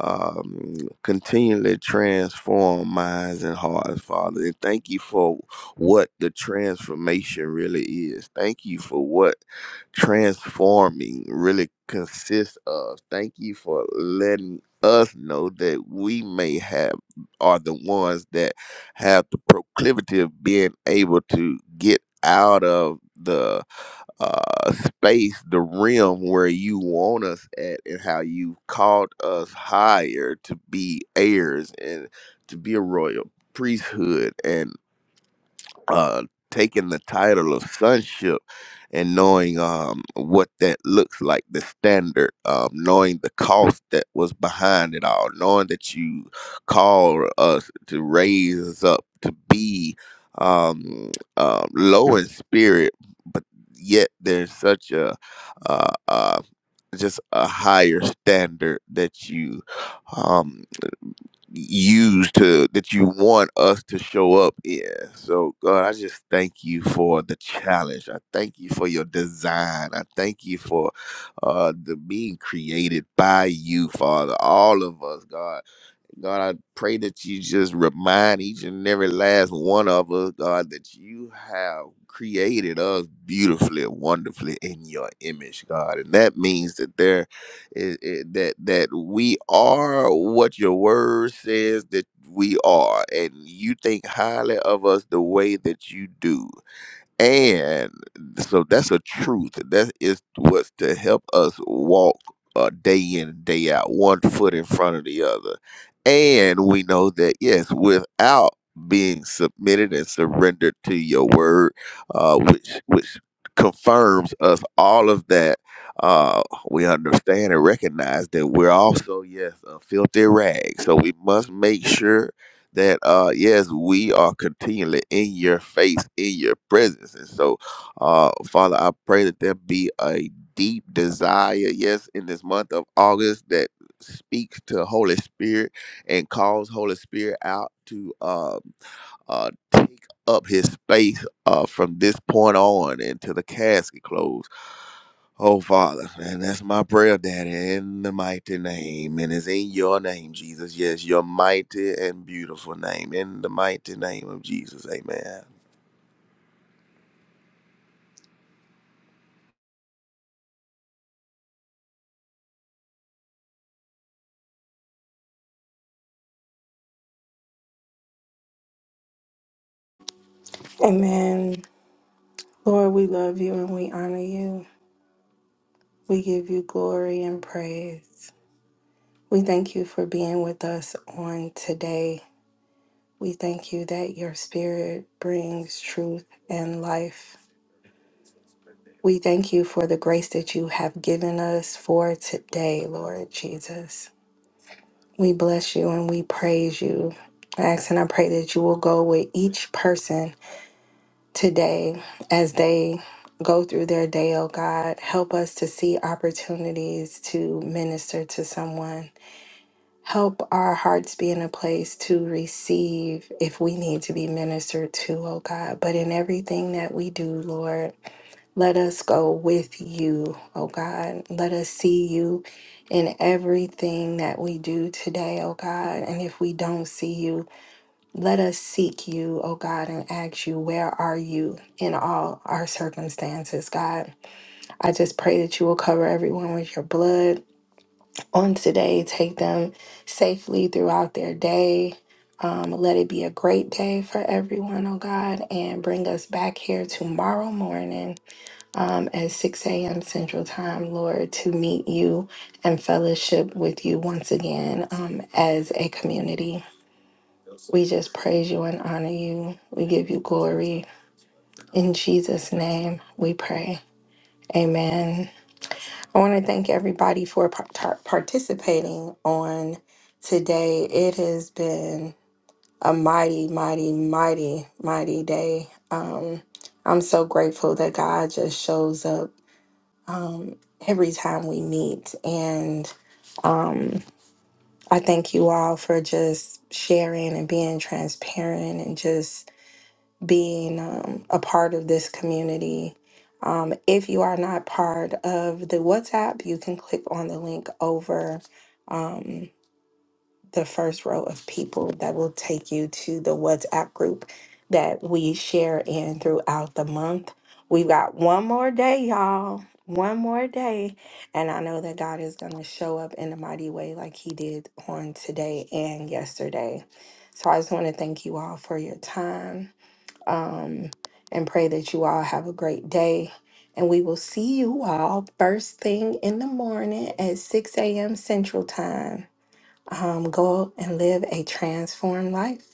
Um, continually transform minds and hearts, Father. And thank you for what the transformation really is. Thank you for what transforming really consists of. Thank you for letting us know that we may have are the ones that have the proclivity of being able to get out of the uh, space, the realm where you want us at, and how you called us higher to be heirs and to be a royal priesthood. and uh, taking the title of sonship and knowing um, what that looks like, the standard, um, knowing the cost that was behind it all, knowing that you call us to raise us up to be um, um, low in spirit, but yet there's such a uh, uh, just a higher standard that you um, use to that you want us to show up in. So God, I just thank you for the challenge. I thank you for your design. I thank you for uh the being created by you, Father. All of us, God. God, I pray that you just remind each and every last one of us, God, that you have created us beautifully, wonderfully in your image, God. And that means that there is it- that that we are what your word says that we are. And you think highly of us the way that you do. And so that's a truth. That is what's to help us walk uh, day in and day out, one foot in front of the other. And we know that, yes, without being submitted and surrendered to your word, uh, which, which confirms us all of that, uh, we understand and recognize that we're also, yes, a filthy rag. So we must make sure that uh yes we are continually in your face in your presence and so uh father i pray that there be a deep desire yes in this month of august that speaks to holy spirit and calls holy spirit out to um uh take up his space uh from this point on until the casket close Oh, Father, and that's my prayer, Daddy, in the mighty name. And it's in your name, Jesus. Yes, your mighty and beautiful name. In the mighty name of Jesus. Amen.
Amen. Lord, we love you and we honor you. We give you glory and praise. We thank you for being with us on today. We thank you that your spirit brings truth and life. We thank you for the grace that you have given us for today, Lord Jesus. We bless you and we praise you. I ask and I pray that you will go with each person today as they go through their day, oh God. Help us to see opportunities to minister to someone. Help our hearts be in a place to receive if we need to be ministered to, oh God. But in everything that we do, Lord, let us go with you, oh God. Let us see you in everything that we do today, oh God. And if we don't see you, let us seek you, oh God, and ask you, where are you in all our circumstances, God? I just pray that you will cover everyone with your blood on today. Take them safely throughout their day. Um, let it be a great day for everyone, oh God, and bring us back here tomorrow morning um, at 6 a.m. Central Time, Lord, to meet you and fellowship with you once again um, as a community. We just praise you and honor you. We give you glory. In Jesus' name, we pray. Amen. I want to thank everybody for par- tar- participating on today. It has been a mighty, mighty, mighty, mighty day. Um, I'm so grateful that God just shows up um, every time we meet. And um, I thank you all for just sharing and being transparent and just being um, a part of this community. Um, if you are not part of the WhatsApp, you can click on the link over. um, the first row of people that will take you to the WhatsApp group that we share in throughout the month. We've got one more day, y'all. One more day. And I know that God is going to show up in a mighty way like he did on today and yesterday. So I just want to thank you all for your time um, and pray that you all have a great day. And we will see you all first thing in the morning at 6 a.m. Central Time um, go and live a transformed life.